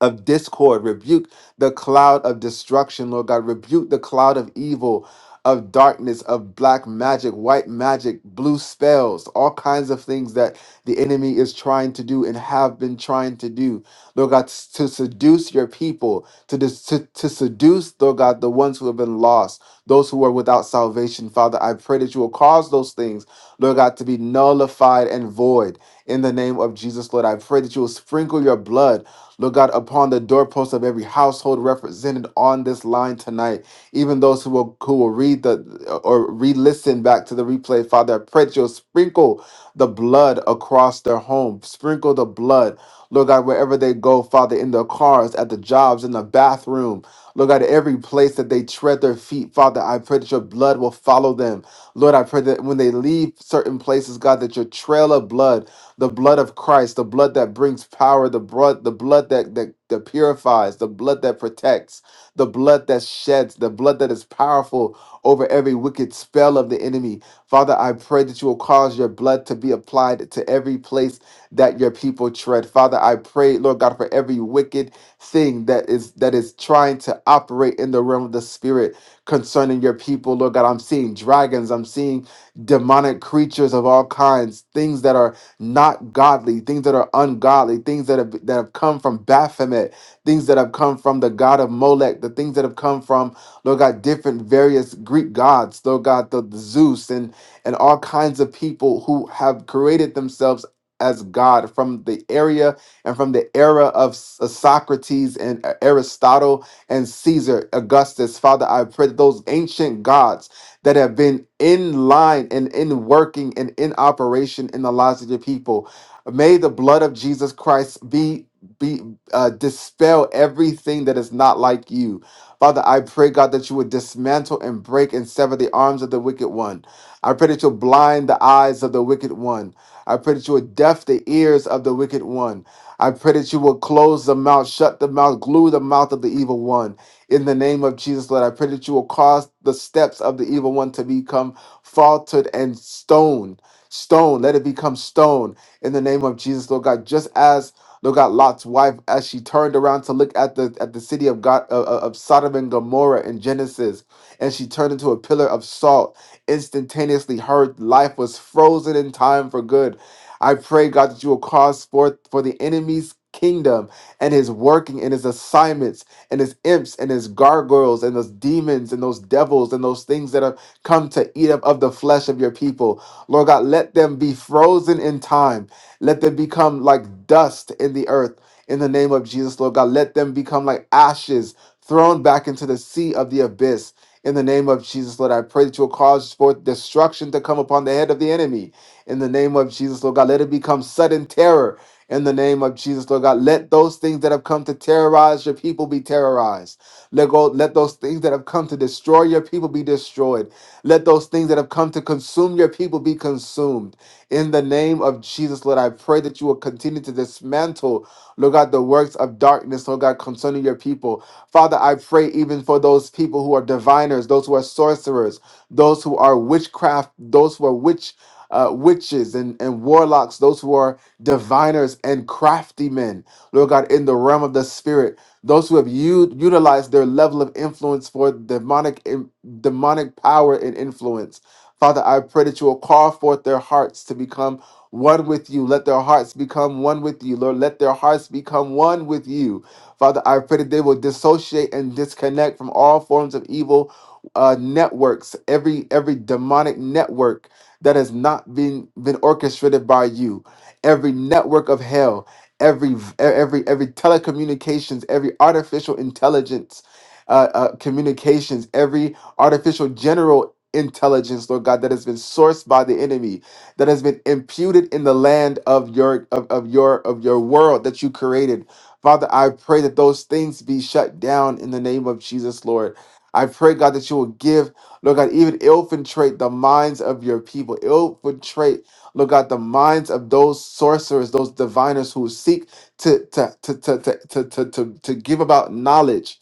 C: of discord. Rebuke the cloud of destruction, Lord God. Rebuke the cloud of evil, of darkness, of black magic, white magic, blue spells, all kinds of things that the enemy is trying to do and have been trying to do, Lord God, s- to seduce your people, to, dis- to, to seduce, Lord God, the ones who have been lost, those who are without salvation. Father, I pray that you will cause those things, Lord God, to be nullified and void in the name of Jesus, Lord. I pray that you will sprinkle your blood Lord God, upon the doorposts of every household represented on this line tonight, even those who will who will read the or re-listen back to the replay, Father, I pray that you'll sprinkle the blood across their home, sprinkle the blood, Lord God, wherever they go, Father, in their cars, at the jobs, in the bathroom, Lord God, every place that they tread their feet, Father, I pray that your blood will follow them. Lord, I pray that when they leave certain places, God, that your trail of blood the blood of Christ, the blood that brings power, the blood, the blood that, that that purifies, the blood that protects, the blood that sheds, the blood that is powerful over every wicked spell of the enemy. Father, I pray that you will cause your blood to be applied to every place that your people tread. Father, I pray, Lord God, for every wicked thing that is that is trying to operate in the realm of the spirit concerning your people. Lord God, I'm seeing dragons, I'm seeing demonic creatures of all kinds, things that are not godly, things that are ungodly, things that have that have come from Baphomet, things that have come from the god of Molech, the things that have come from Lord God, different various Greek gods, Lord God, the, the Zeus and and all kinds of people who have created themselves as God from the area and from the era of S- uh, Socrates and uh, Aristotle and Caesar, Augustus. Father, I pray that those ancient gods that have been in line and in working and in operation in the lives of your people. May the blood of Jesus Christ be be uh, dispel everything that is not like you. Father, I pray, God, that you would dismantle and break and sever the arms of the wicked one. I pray that you'll blind the eyes of the wicked one. I pray that you would deaf the ears of the wicked one. I pray that you will close the mouth, shut the mouth, glue the mouth of the evil one. In the name of Jesus, Lord, I pray that you will cause the steps of the evil one to become faltered and stone. Stone, let it become stone in the name of Jesus, Lord God. Just as Lord God, Lot's wife, as she turned around to look at the at the city of God of, of of Sodom and Gomorrah in Genesis, and she turned into a pillar of salt. Instantaneously, her life was frozen in time for good. I pray, God, that you will cause forth for the enemy's kingdom and his working and his assignments and his imps and his gargoyles and those demons and those devils and those things that have come to eat up of the flesh of your people. Lord God, let them be frozen in time. Let them become like dust in the earth in the name of Jesus, Lord God. Let them become like ashes thrown back into the sea of the abyss. In the name of Jesus, Lord, I pray that you will cause forth destruction to come upon the head of the enemy. In the name of Jesus, Lord God, let it become sudden terror in the name of Jesus, Lord God, let those things that have come to terrorize your people be terrorized. Let go, let those things that have come to destroy your people be destroyed. Let those things that have come to consume your people be consumed. In the name of Jesus, Lord, I pray that you will continue to dismantle, Lord God, the works of darkness, Lord God, concerning your people. Father, I pray even for those people who are diviners, those who are sorcerers, those who are witchcraft, those who are witch, uh, witches and, and warlocks, those who are diviners and crafty men, Lord God, in the realm of the spirit, those who have u- utilized their level of influence for demonic in- demonic power and influence. Father, I pray that you will call forth their hearts to become one with you. Let their hearts become one with you, Lord. Let their hearts become one with you. Father, I pray that they will dissociate and disconnect from all forms of evil uh, networks, every every demonic network that has not been been orchestrated by you every network of hell, every e- every every telecommunications, every artificial intelligence, uh, uh, communications, every artificial general intelligence, Lord God, that has been sourced by the enemy, that has been imputed in the land of your of, of your of your world that you created. Father, I pray that those things be shut down in the name of Jesus, Lord. I pray, God, that you will give, Lord God, even infiltrate the minds of your people, infiltrate Lord God, the minds of those sorcerers, those diviners who seek to to to to to to to, to, to give about knowledge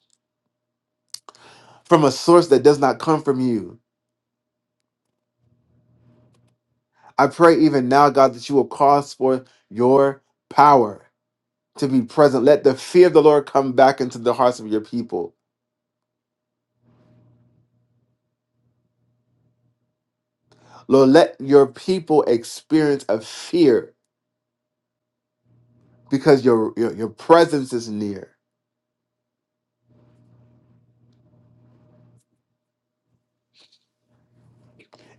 C: from a source that does not come from you. I pray even now, God, that you will cause for your power to be present. Let the fear of the Lord come back into the hearts of your people. Lord, let your people experience a fear because your your, your presence is near.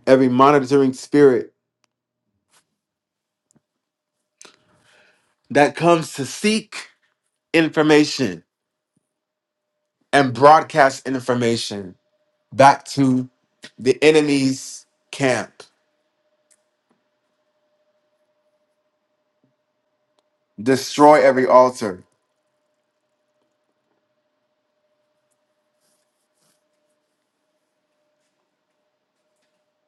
C: Every monitoring spirit that comes to seek information and broadcast information back to the enemy's camp. Destroy every altar.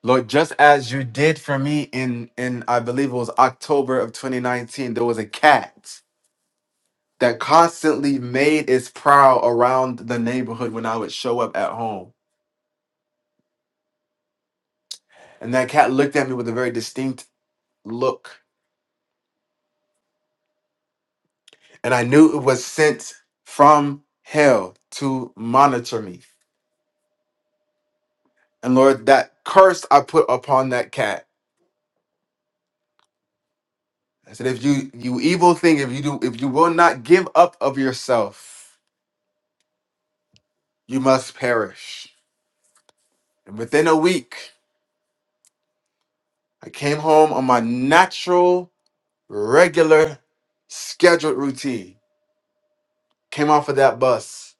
C: Lord, just as you did for me in, in I believe it was October of 2019, there was a cat that constantly made its prowl around the neighborhood when I would show up at home. And that cat looked at me with a very distinct look. And I knew it was sent from hell to monitor me. And Lord, that curse I put upon that cat I said, if you you evil thing, if you do, if you will not give up of yourself, you must perish. And within a week, I came home on my natural, regular, scheduled routine. Came off of that bus,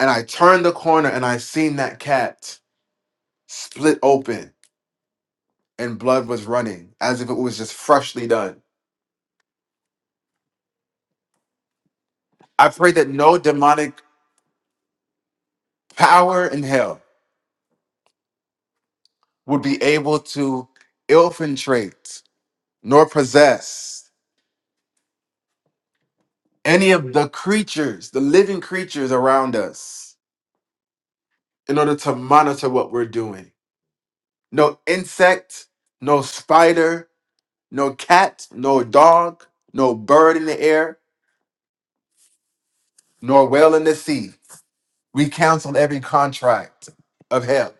C: and I turned the corner, and I seen that cat split open, and blood was running as if it was just freshly done. I prayed that no demonic power in hell would be able to infiltrate nor possess any of the creatures, the living creatures around us, in order to monitor what we're doing. No insect, no spider, no cat, no dog, no bird in the air, nor whale in the sea. We cancel every contract of hell,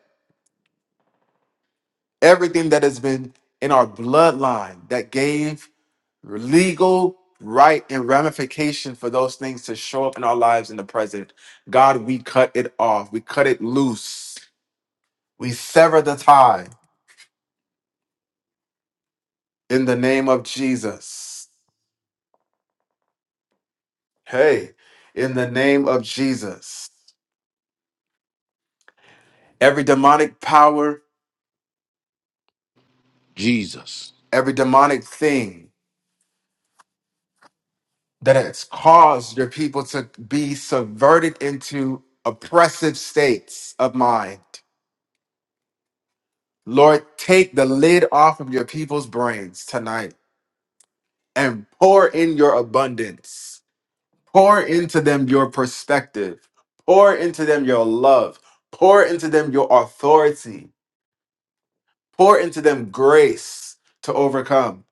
C: everything that has been in our bloodline that gave legal right and ramification for those things to show up in our lives in the present. God, we cut it off, we cut it loose We sever the tie in the name of Jesus. Hey, in the name of Jesus. Every demonic power,
A: Jesus.
C: every demonic thing that has caused your people to be subverted into oppressive states of mind. Lord, take the lid off of your people's brains tonight and pour in your abundance. Pour into them your perspective. Pour into them your love. Pour into them your authority Pour into them grace to overcome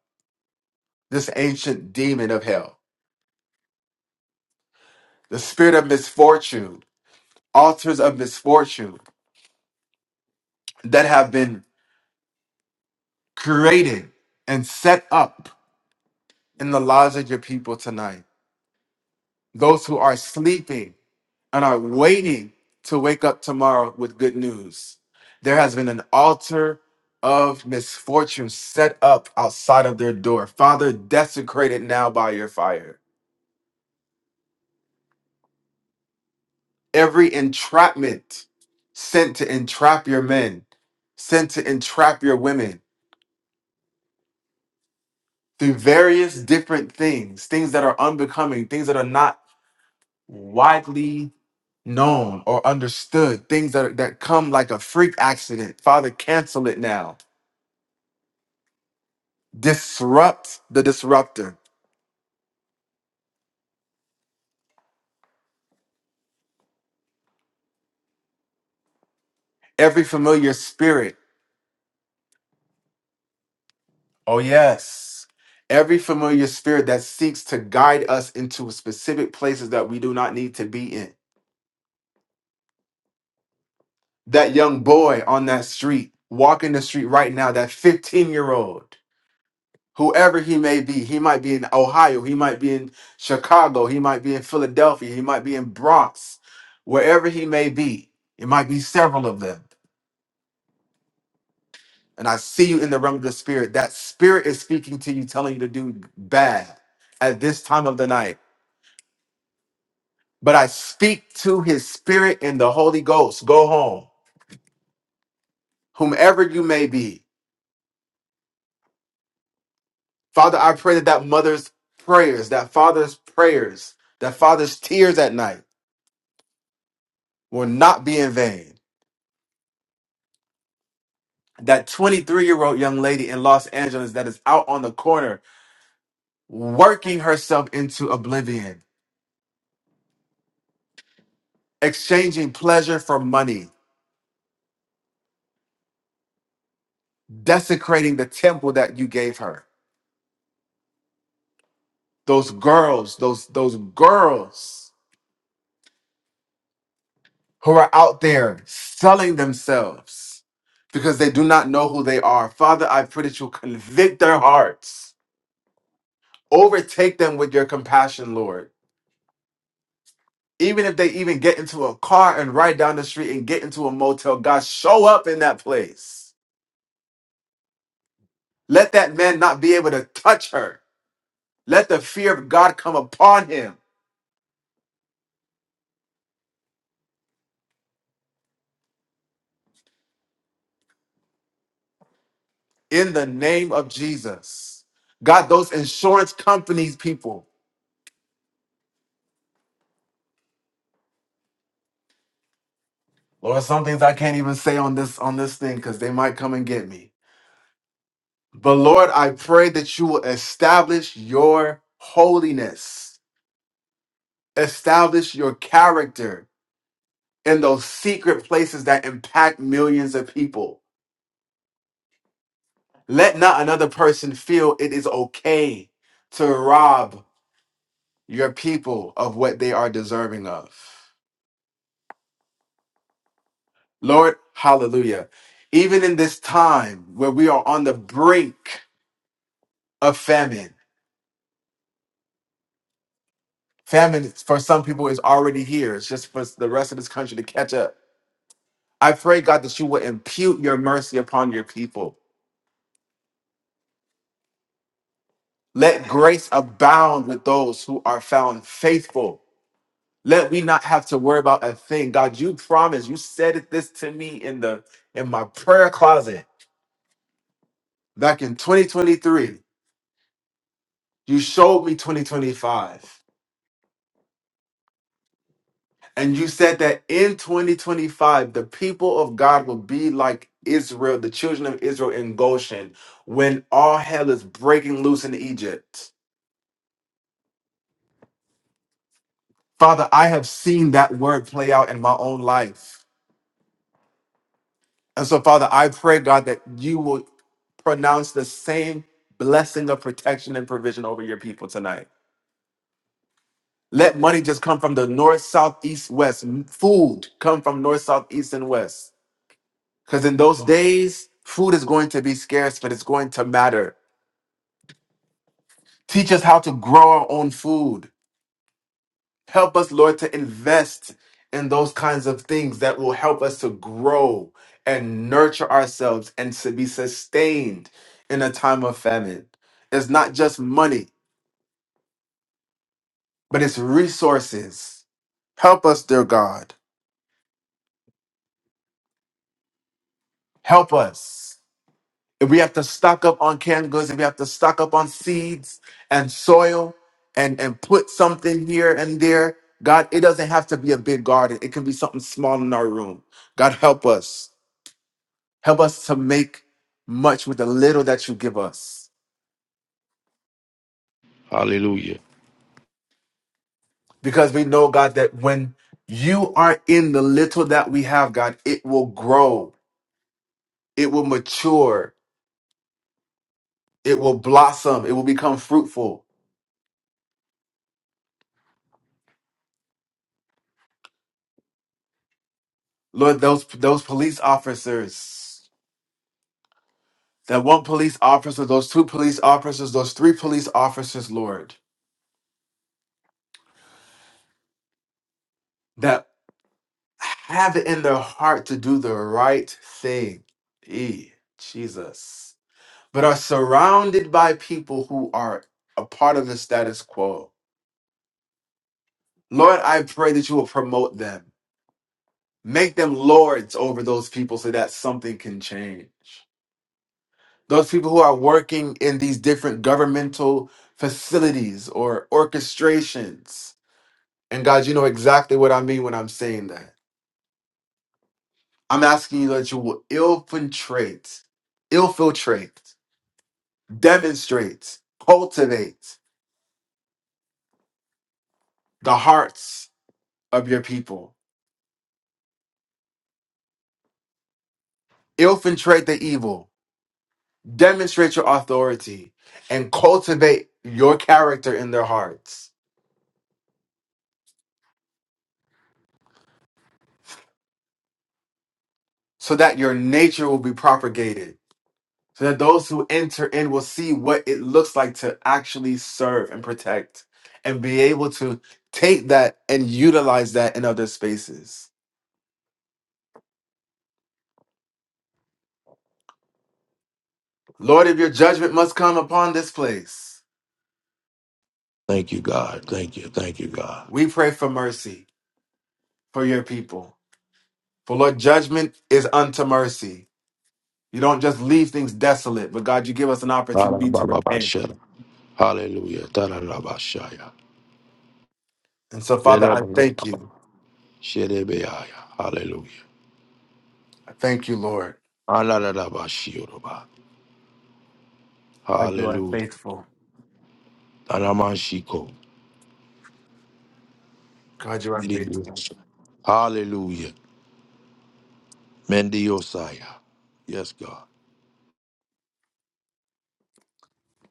C: this ancient demon of hell, the spirit of misfortune, altars of misfortune that have been created and set up in the lives of your people tonight. Those who are sleeping and are waiting to wake up tomorrow with good news. There has been an altar of misfortune set up outside of their door. Father, desecrate it now by your fire every entrapment sent to entrap your men, sent to entrap your women through various different things, things that are unbecoming, things that are not widely known or understood, things that, that come like a freak accident. Father, cancel it now. Disrupt the disruptor. Every familiar spirit. Oh, yes. Every familiar spirit that seeks to guide us into specific places that we do not need to be in that young boy on that street, walking the street right now, that 15 year old, whoever he may be, he might be in Ohio, he might be in Chicago, he might be in Philadelphia, he might be in Bronx, wherever he may be, it might be several of them. And I see you in the realm of the spirit. That spirit is speaking to you, telling you to do bad at this time of the night. But I speak to his spirit in the Holy Ghost. Go home, whomever you may be Father, I pray that that mother's prayers, that father's prayers, that father's tears at night will not be in vain. That 23 year old young lady in Los Angeles that is out on the corner working herself into oblivion, exchanging pleasure for money, desecrating the temple that you gave her. Those girls, those, those girls who are out there selling themselves because they do not know who they are. Father, I pray that you convict their hearts Overtake them with your compassion, Lord. Even if they even get into a car and ride down the street and get into a motel, God, show up in that place. Let that man not be able to touch her. Let the fear of God come upon him in the name of Jesus. God, those insurance companies, people, Lord, some things I can't even say on this on this thing because they might come and get me. But Lord, I pray that you will establish your holiness, establish your character, in those secret places that impact millions of people. Let not another person feel it is okay to rob your people of what they are deserving of. Lord, hallelujah. Even in this time where we are on the brink of famine, famine for some people is already here. It's just for the rest of this country to catch up. I pray, God, that you will impute your mercy upon your people. Let grace abound with those who are found faithful Let we not have to worry about a thing. God, you promised. You said it this to me in the in my prayer closet back in 2023. You showed me 2025. And you said that in 2025, the people of God will be like Israel, the children of Israel in Goshen, when all hell is breaking loose in Egypt. Father, I have seen that word play out in my own life. And so, Father, I pray, God, that you will pronounce the same blessing of protection and provision over your people tonight. Let money just come from the north, south, east, west. Food come from north, south, east, and west. Because in those days, food is going to be scarce, but it's going to matter. Teach us how to grow our own food. Help us, Lord, to invest in those kinds of things that will help us to grow and nurture ourselves and to be sustained in a time of famine. It's not just money, but it's resources. Help us, dear God. Help us. If we have to stock up on canned goods, if we have to stock up on seeds and soil and, and put something here and there, God, it doesn't have to be a big garden. It can be something small in our room. God, help us. Help us to make much with the little that you give us.
A: Hallelujah.
C: Because we know, God, that when you are in the little that we have, God, it will grow, it will mature, it will blossom, it will become fruitful. Lord, those those police officers, that one police officer, those two police officers, those three police officers, Lord, that have it in their heart to do the right thing. E Jesus. but are surrounded by people who are a part of the status quo. Lord, I pray that you will promote them. Make them lords over those people so that something can change. Those people who are working in these different governmental facilities or orchestrations. And God, you know exactly what I mean when I'm saying that. I'm asking you that you will infiltrate, infiltrate, demonstrate, cultivate the hearts of your people infiltrate the evil, demonstrate your authority, and cultivate your character in their hearts so that your nature will be propagated, so that those who enter in will see what it looks like to actually serve and protect and be able to take that and utilize that in other spaces. Lord, if your judgment must come upon this place,
A: Thank you, God. Thank you. Thank you, God.
C: we pray for mercy for your people. For Lord, judgment is unto mercy. You don't just leave things desolate, but God, you give us an opportunity to repent.
A: Ba-da-ba-ba-ba-shada. Hallelujah. Da-da-da-ba-shaya.
C: And so, Father, I thank
A: Yedeba-ba-ba-ba.
C: you.
A: Shedebeaya. Hallelujah.
C: I thank you, Lord.
A: Ah-la-la-la-ba-shioroba.
C: God, you are
A: Hallelujah.
C: faithful.
A: Aramashiko.
C: God, you are faithful.
A: Hallelujah. Mendiosaya. Yes, God.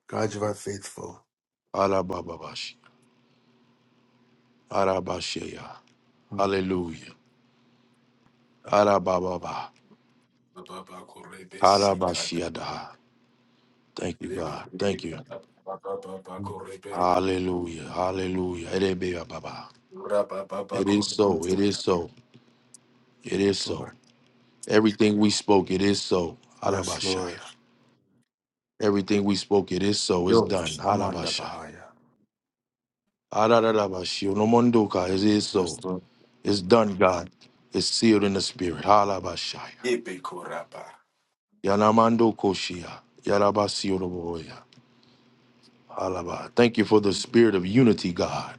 C: God, you are faithful.
A: Arabababashi. Arabashaya.
C: Mhm.
A: Hallelujah. Arabababa. Arabashiada. Thank you, God. Thank you.
C: Yes,
A: Hallelujah. Hallelujah. Erebeababa. It is so. It is so. It is so.
C: Lord.
A: Everything we spoke, it is so.
C: Yes,
A: Arabashaya.
C: Lord.
A: Everything we spoke, it is so. It's done.
C: Yours. Amanda
A: Arabashaya.
C: Bahaya.
A: Ararabashio. No mondoka. It is so.
C: Yes, Lord.
A: It's done, God. It's sealed in the spirit. Halabashaya. Yanamando koshia. Yarabasioroboya. Halaba. Thank you for the spirit of unity, God.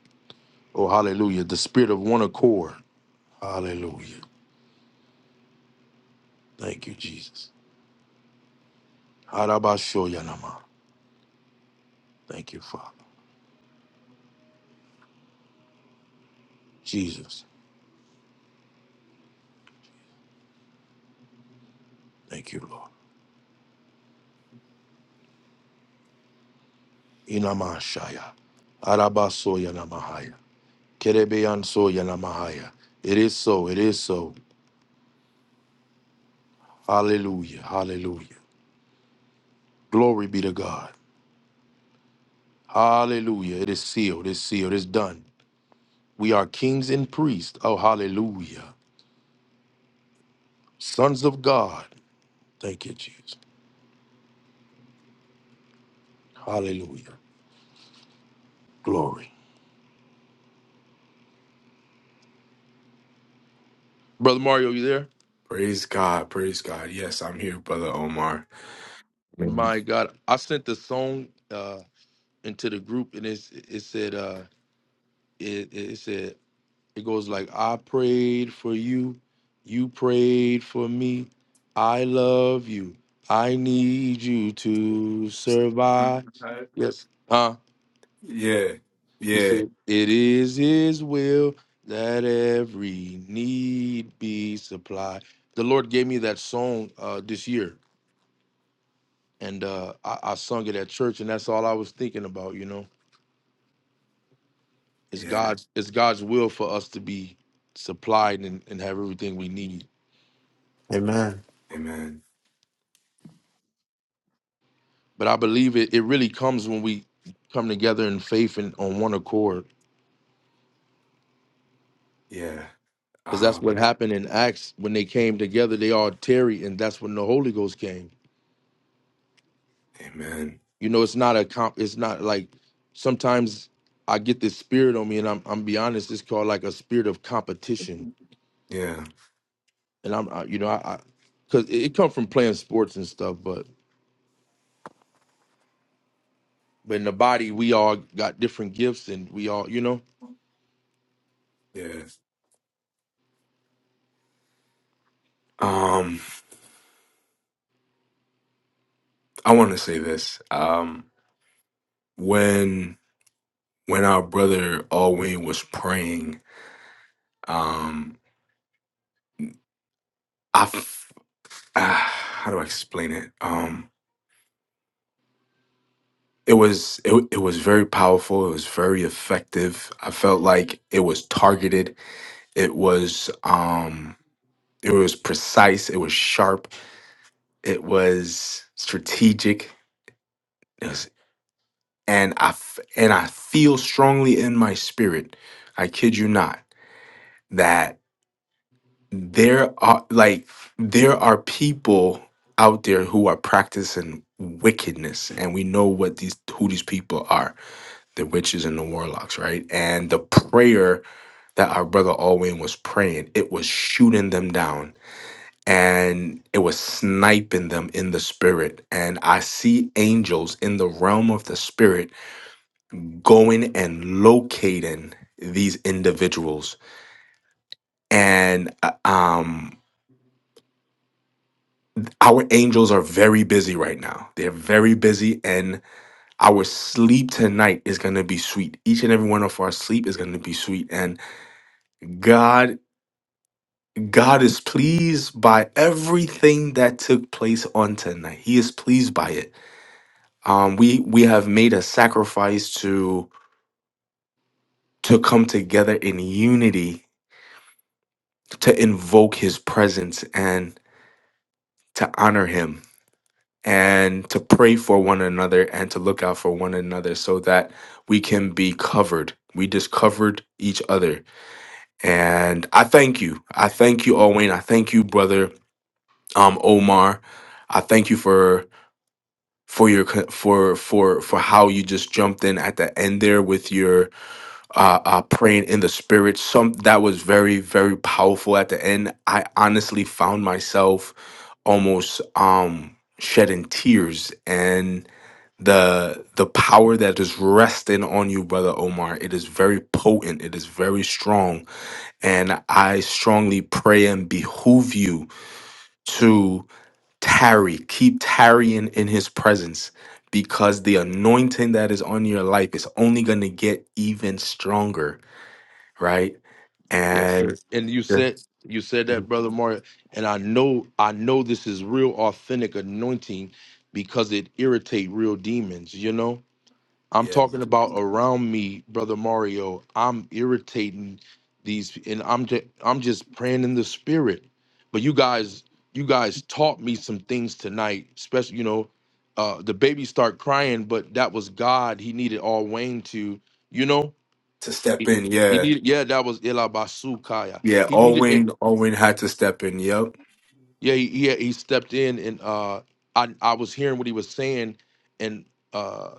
A: Oh, hallelujah. The spirit of one accord. Hallelujah. Thank you, Jesus. Harabashoyanama. Thank you, Father. Jesus. Thank you, Lord. Inamashaya. Arabasoyanamahaya. Kerebeyansoyanamahaya. It is so. It is so. Hallelujah. Hallelujah. Glory be to God. Hallelujah. It is sealed. It's sealed. It's done. We are kings and priests. Oh, hallelujah. Sons of God. Thank you, Jesus. Hallelujah. Glory. Brother Mario, you there?
B: Praise God. Praise God. Yes, I'm here, Brother Omar.
A: My God. I sent the song uh into the group and it's, it said uh it, it said it goes like I prayed for you, you prayed for me, I love you, I need you to survive. Yes. Huh.
B: Yeah.
A: He
B: Yeah.
A: said, It is his will that every need be supplied. The Lord gave me that song uh, this year, and uh, I, I sung it at church, and that's all I was thinking about, you know. It's God's it's God's will for us to be supplied and, and have everything we need.
C: Amen.
A: But I believe it it really comes when we come together in faith and on one accord. Because that's what happened in Acts when they came together, they all tarried, and that's when the Holy Ghost came
B: Amen.
A: You know, it's not a comp. It's not like sometimes I get this spirit on me, and I'm I'm be honest. It's called like a spirit of competition,
B: Yeah.
A: and I'm I, you know I, cause it, it come from playing sports and stuff, but but in the body we all got different gifts, and we all you know
B: Yeah. Um. I want to say this. Um, when when our brother Alwyn was praying, um, I f- ah, how do I explain it? Um, it was it, it was very powerful. It was very effective. I felt like it was targeted. It was um, it was precise. It was sharp. It was strategic. It was, and I f- and I feel strongly in my spirit. I kid you not that. there are like there are people out there who are practicing wickedness and we know what these who these people are the witches and the warlocks right and the prayer that our brother alwyn was praying it was shooting them down and it was sniping them in the spirit and i see angels in the realm of the spirit going and locating these individuals and uh, um Our angels are very busy right now. They're very busy, and our sleep tonight is going to be sweet. Each and every one of our sleep is going to be sweet. And God, God is pleased by everything that took place on tonight. He is pleased by it. Um, we we have made a sacrifice to to come together in unity to invoke His presence and to honor Him and to pray for one another and to look out for one another so that we can be covered. We discovered each other. And I thank you. I thank you, Owen. I thank you, brother um Omar. I thank you for for your co- for for for how you just jumped in at the end there with your uh, uh praying in the spirit some that was very very powerful at the end i honestly found myself almost um shedding tears and the the power that is resting on you brother omar it is very potent it is very strong and i strongly pray and behoove you to tarry keep tarrying in his presence because the anointing that is on your life is only going to get even stronger right
A: yes sir.
B: and
A: And you said you said that brother Mario, and I know I know this is real authentic anointing because it irritate real demons, you know I'm
B: yeah
A: talking about around me, brother Mario. I'm irritating these, and I'm just I'm just praying in the spirit. But you guys, you guys taught me some things tonight. Especially, you know, uh, the baby start crying, but that was God. He needed all Wayne to, you know,
B: to step
A: he
B: in
A: he
B: yeah
A: needed. Yeah, that was Elabasukaya.
B: yeah
A: He needed it.
B: alwyn alwyn had to step in yep
A: Yeah, he, he he stepped in, and uh, I I was hearing what he was saying, and uh,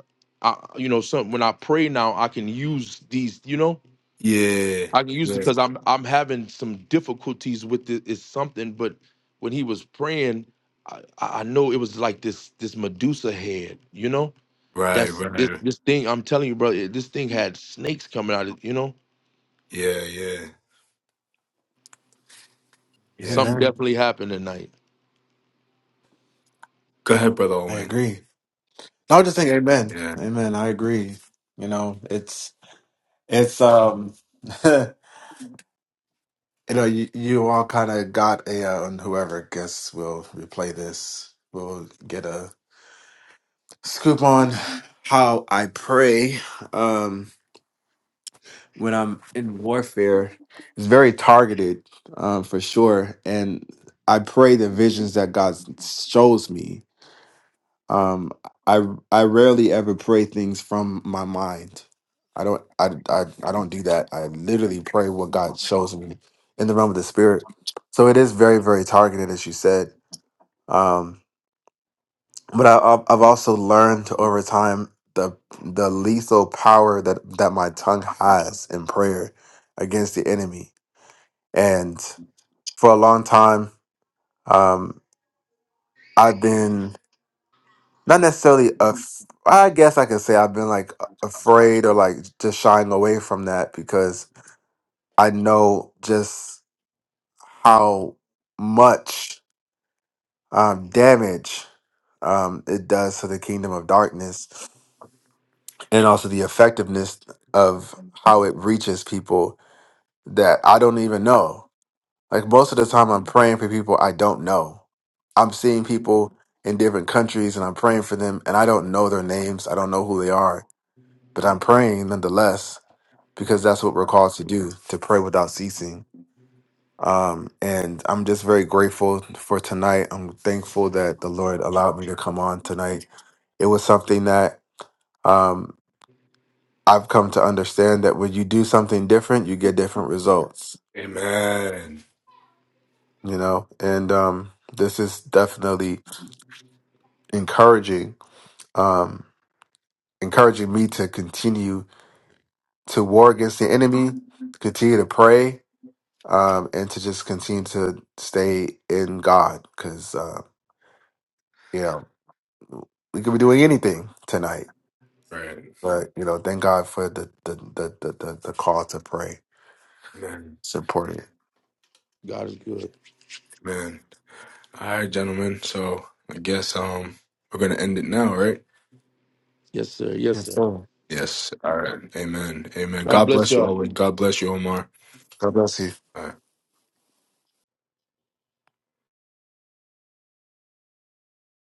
A: I you know some when I pray now I can use these, you know,
B: Yeah.
A: I can use
B: Yeah.
A: because I'm I'm having some difficulties with it. It's something, but when he was praying, I, I know it was like this this Medusa head, you know.
B: Right,
A: That's this,
B: right.
A: this thing. I'm telling you, brother. This thing had snakes coming out of it. You know,
B: Yeah, yeah, yeah.
A: something
C: Amen.
A: definitely happened tonight.
B: Go ahead, Brother
C: I
B: Owen.
C: agree. i I just think amen.
B: Yeah.
C: Amen. I agree. You know, it's it's um You know, you, you all kind of got a, uh, and whoever guess will replay this, will get a scoop on how I pray um, when I'm in warfare. It's very targeted um, for sure. And I pray the visions that God shows me. Um, I I rarely ever pray things from my mind. I don't I, I I don't do that. I literally pray what God shows me in the realm of the spirit. So it is very very targeted, as you said. Um, but I, I've I've also learned over time the the lethal power that that my tongue has in prayer against the enemy. And for a long time, um, I've been. not necessarily af- I guess I could say I've been like a- afraid or like just shying away from that because I know just how much um, damage um, it does to the kingdom of darkness and also the effectiveness of how it reaches people that I don't even know. Like most of the time, I'm praying for people I don't know. I'm seeing people in different countries and I'm praying for them and I don't know their names. I don't know who they are but I'm praying nonetheless because that's what we're called to do to pray without ceasing. Um, and I'm just very grateful for tonight. I'm thankful that the Lord allowed me to come on tonight. It was something that um, I've come to understand that when you do something different, you get different results,
B: Amen.
C: you know, and um, this is definitely encouraging, um, encouraging me to continue to war against the enemy, continue to pray, um, and to just continue to stay in God because uh, yeah, we could be doing anything tonight,
B: Right.
C: but you know, thank God for the the the the, the, the call to pray.
B: Amen.
C: It's important.
A: God is good.
B: Amen. All right, gentlemen. So I guess um we're gonna end it now, right?
A: Yes, sir. Yes,
C: Yes,
A: sir.
C: sir.
B: Yes. All right. Amen. Amen.
A: God
B: God
A: bless
B: bless you,
A: y'all.
B: Owen. God bless you, Omar.
C: God bless you.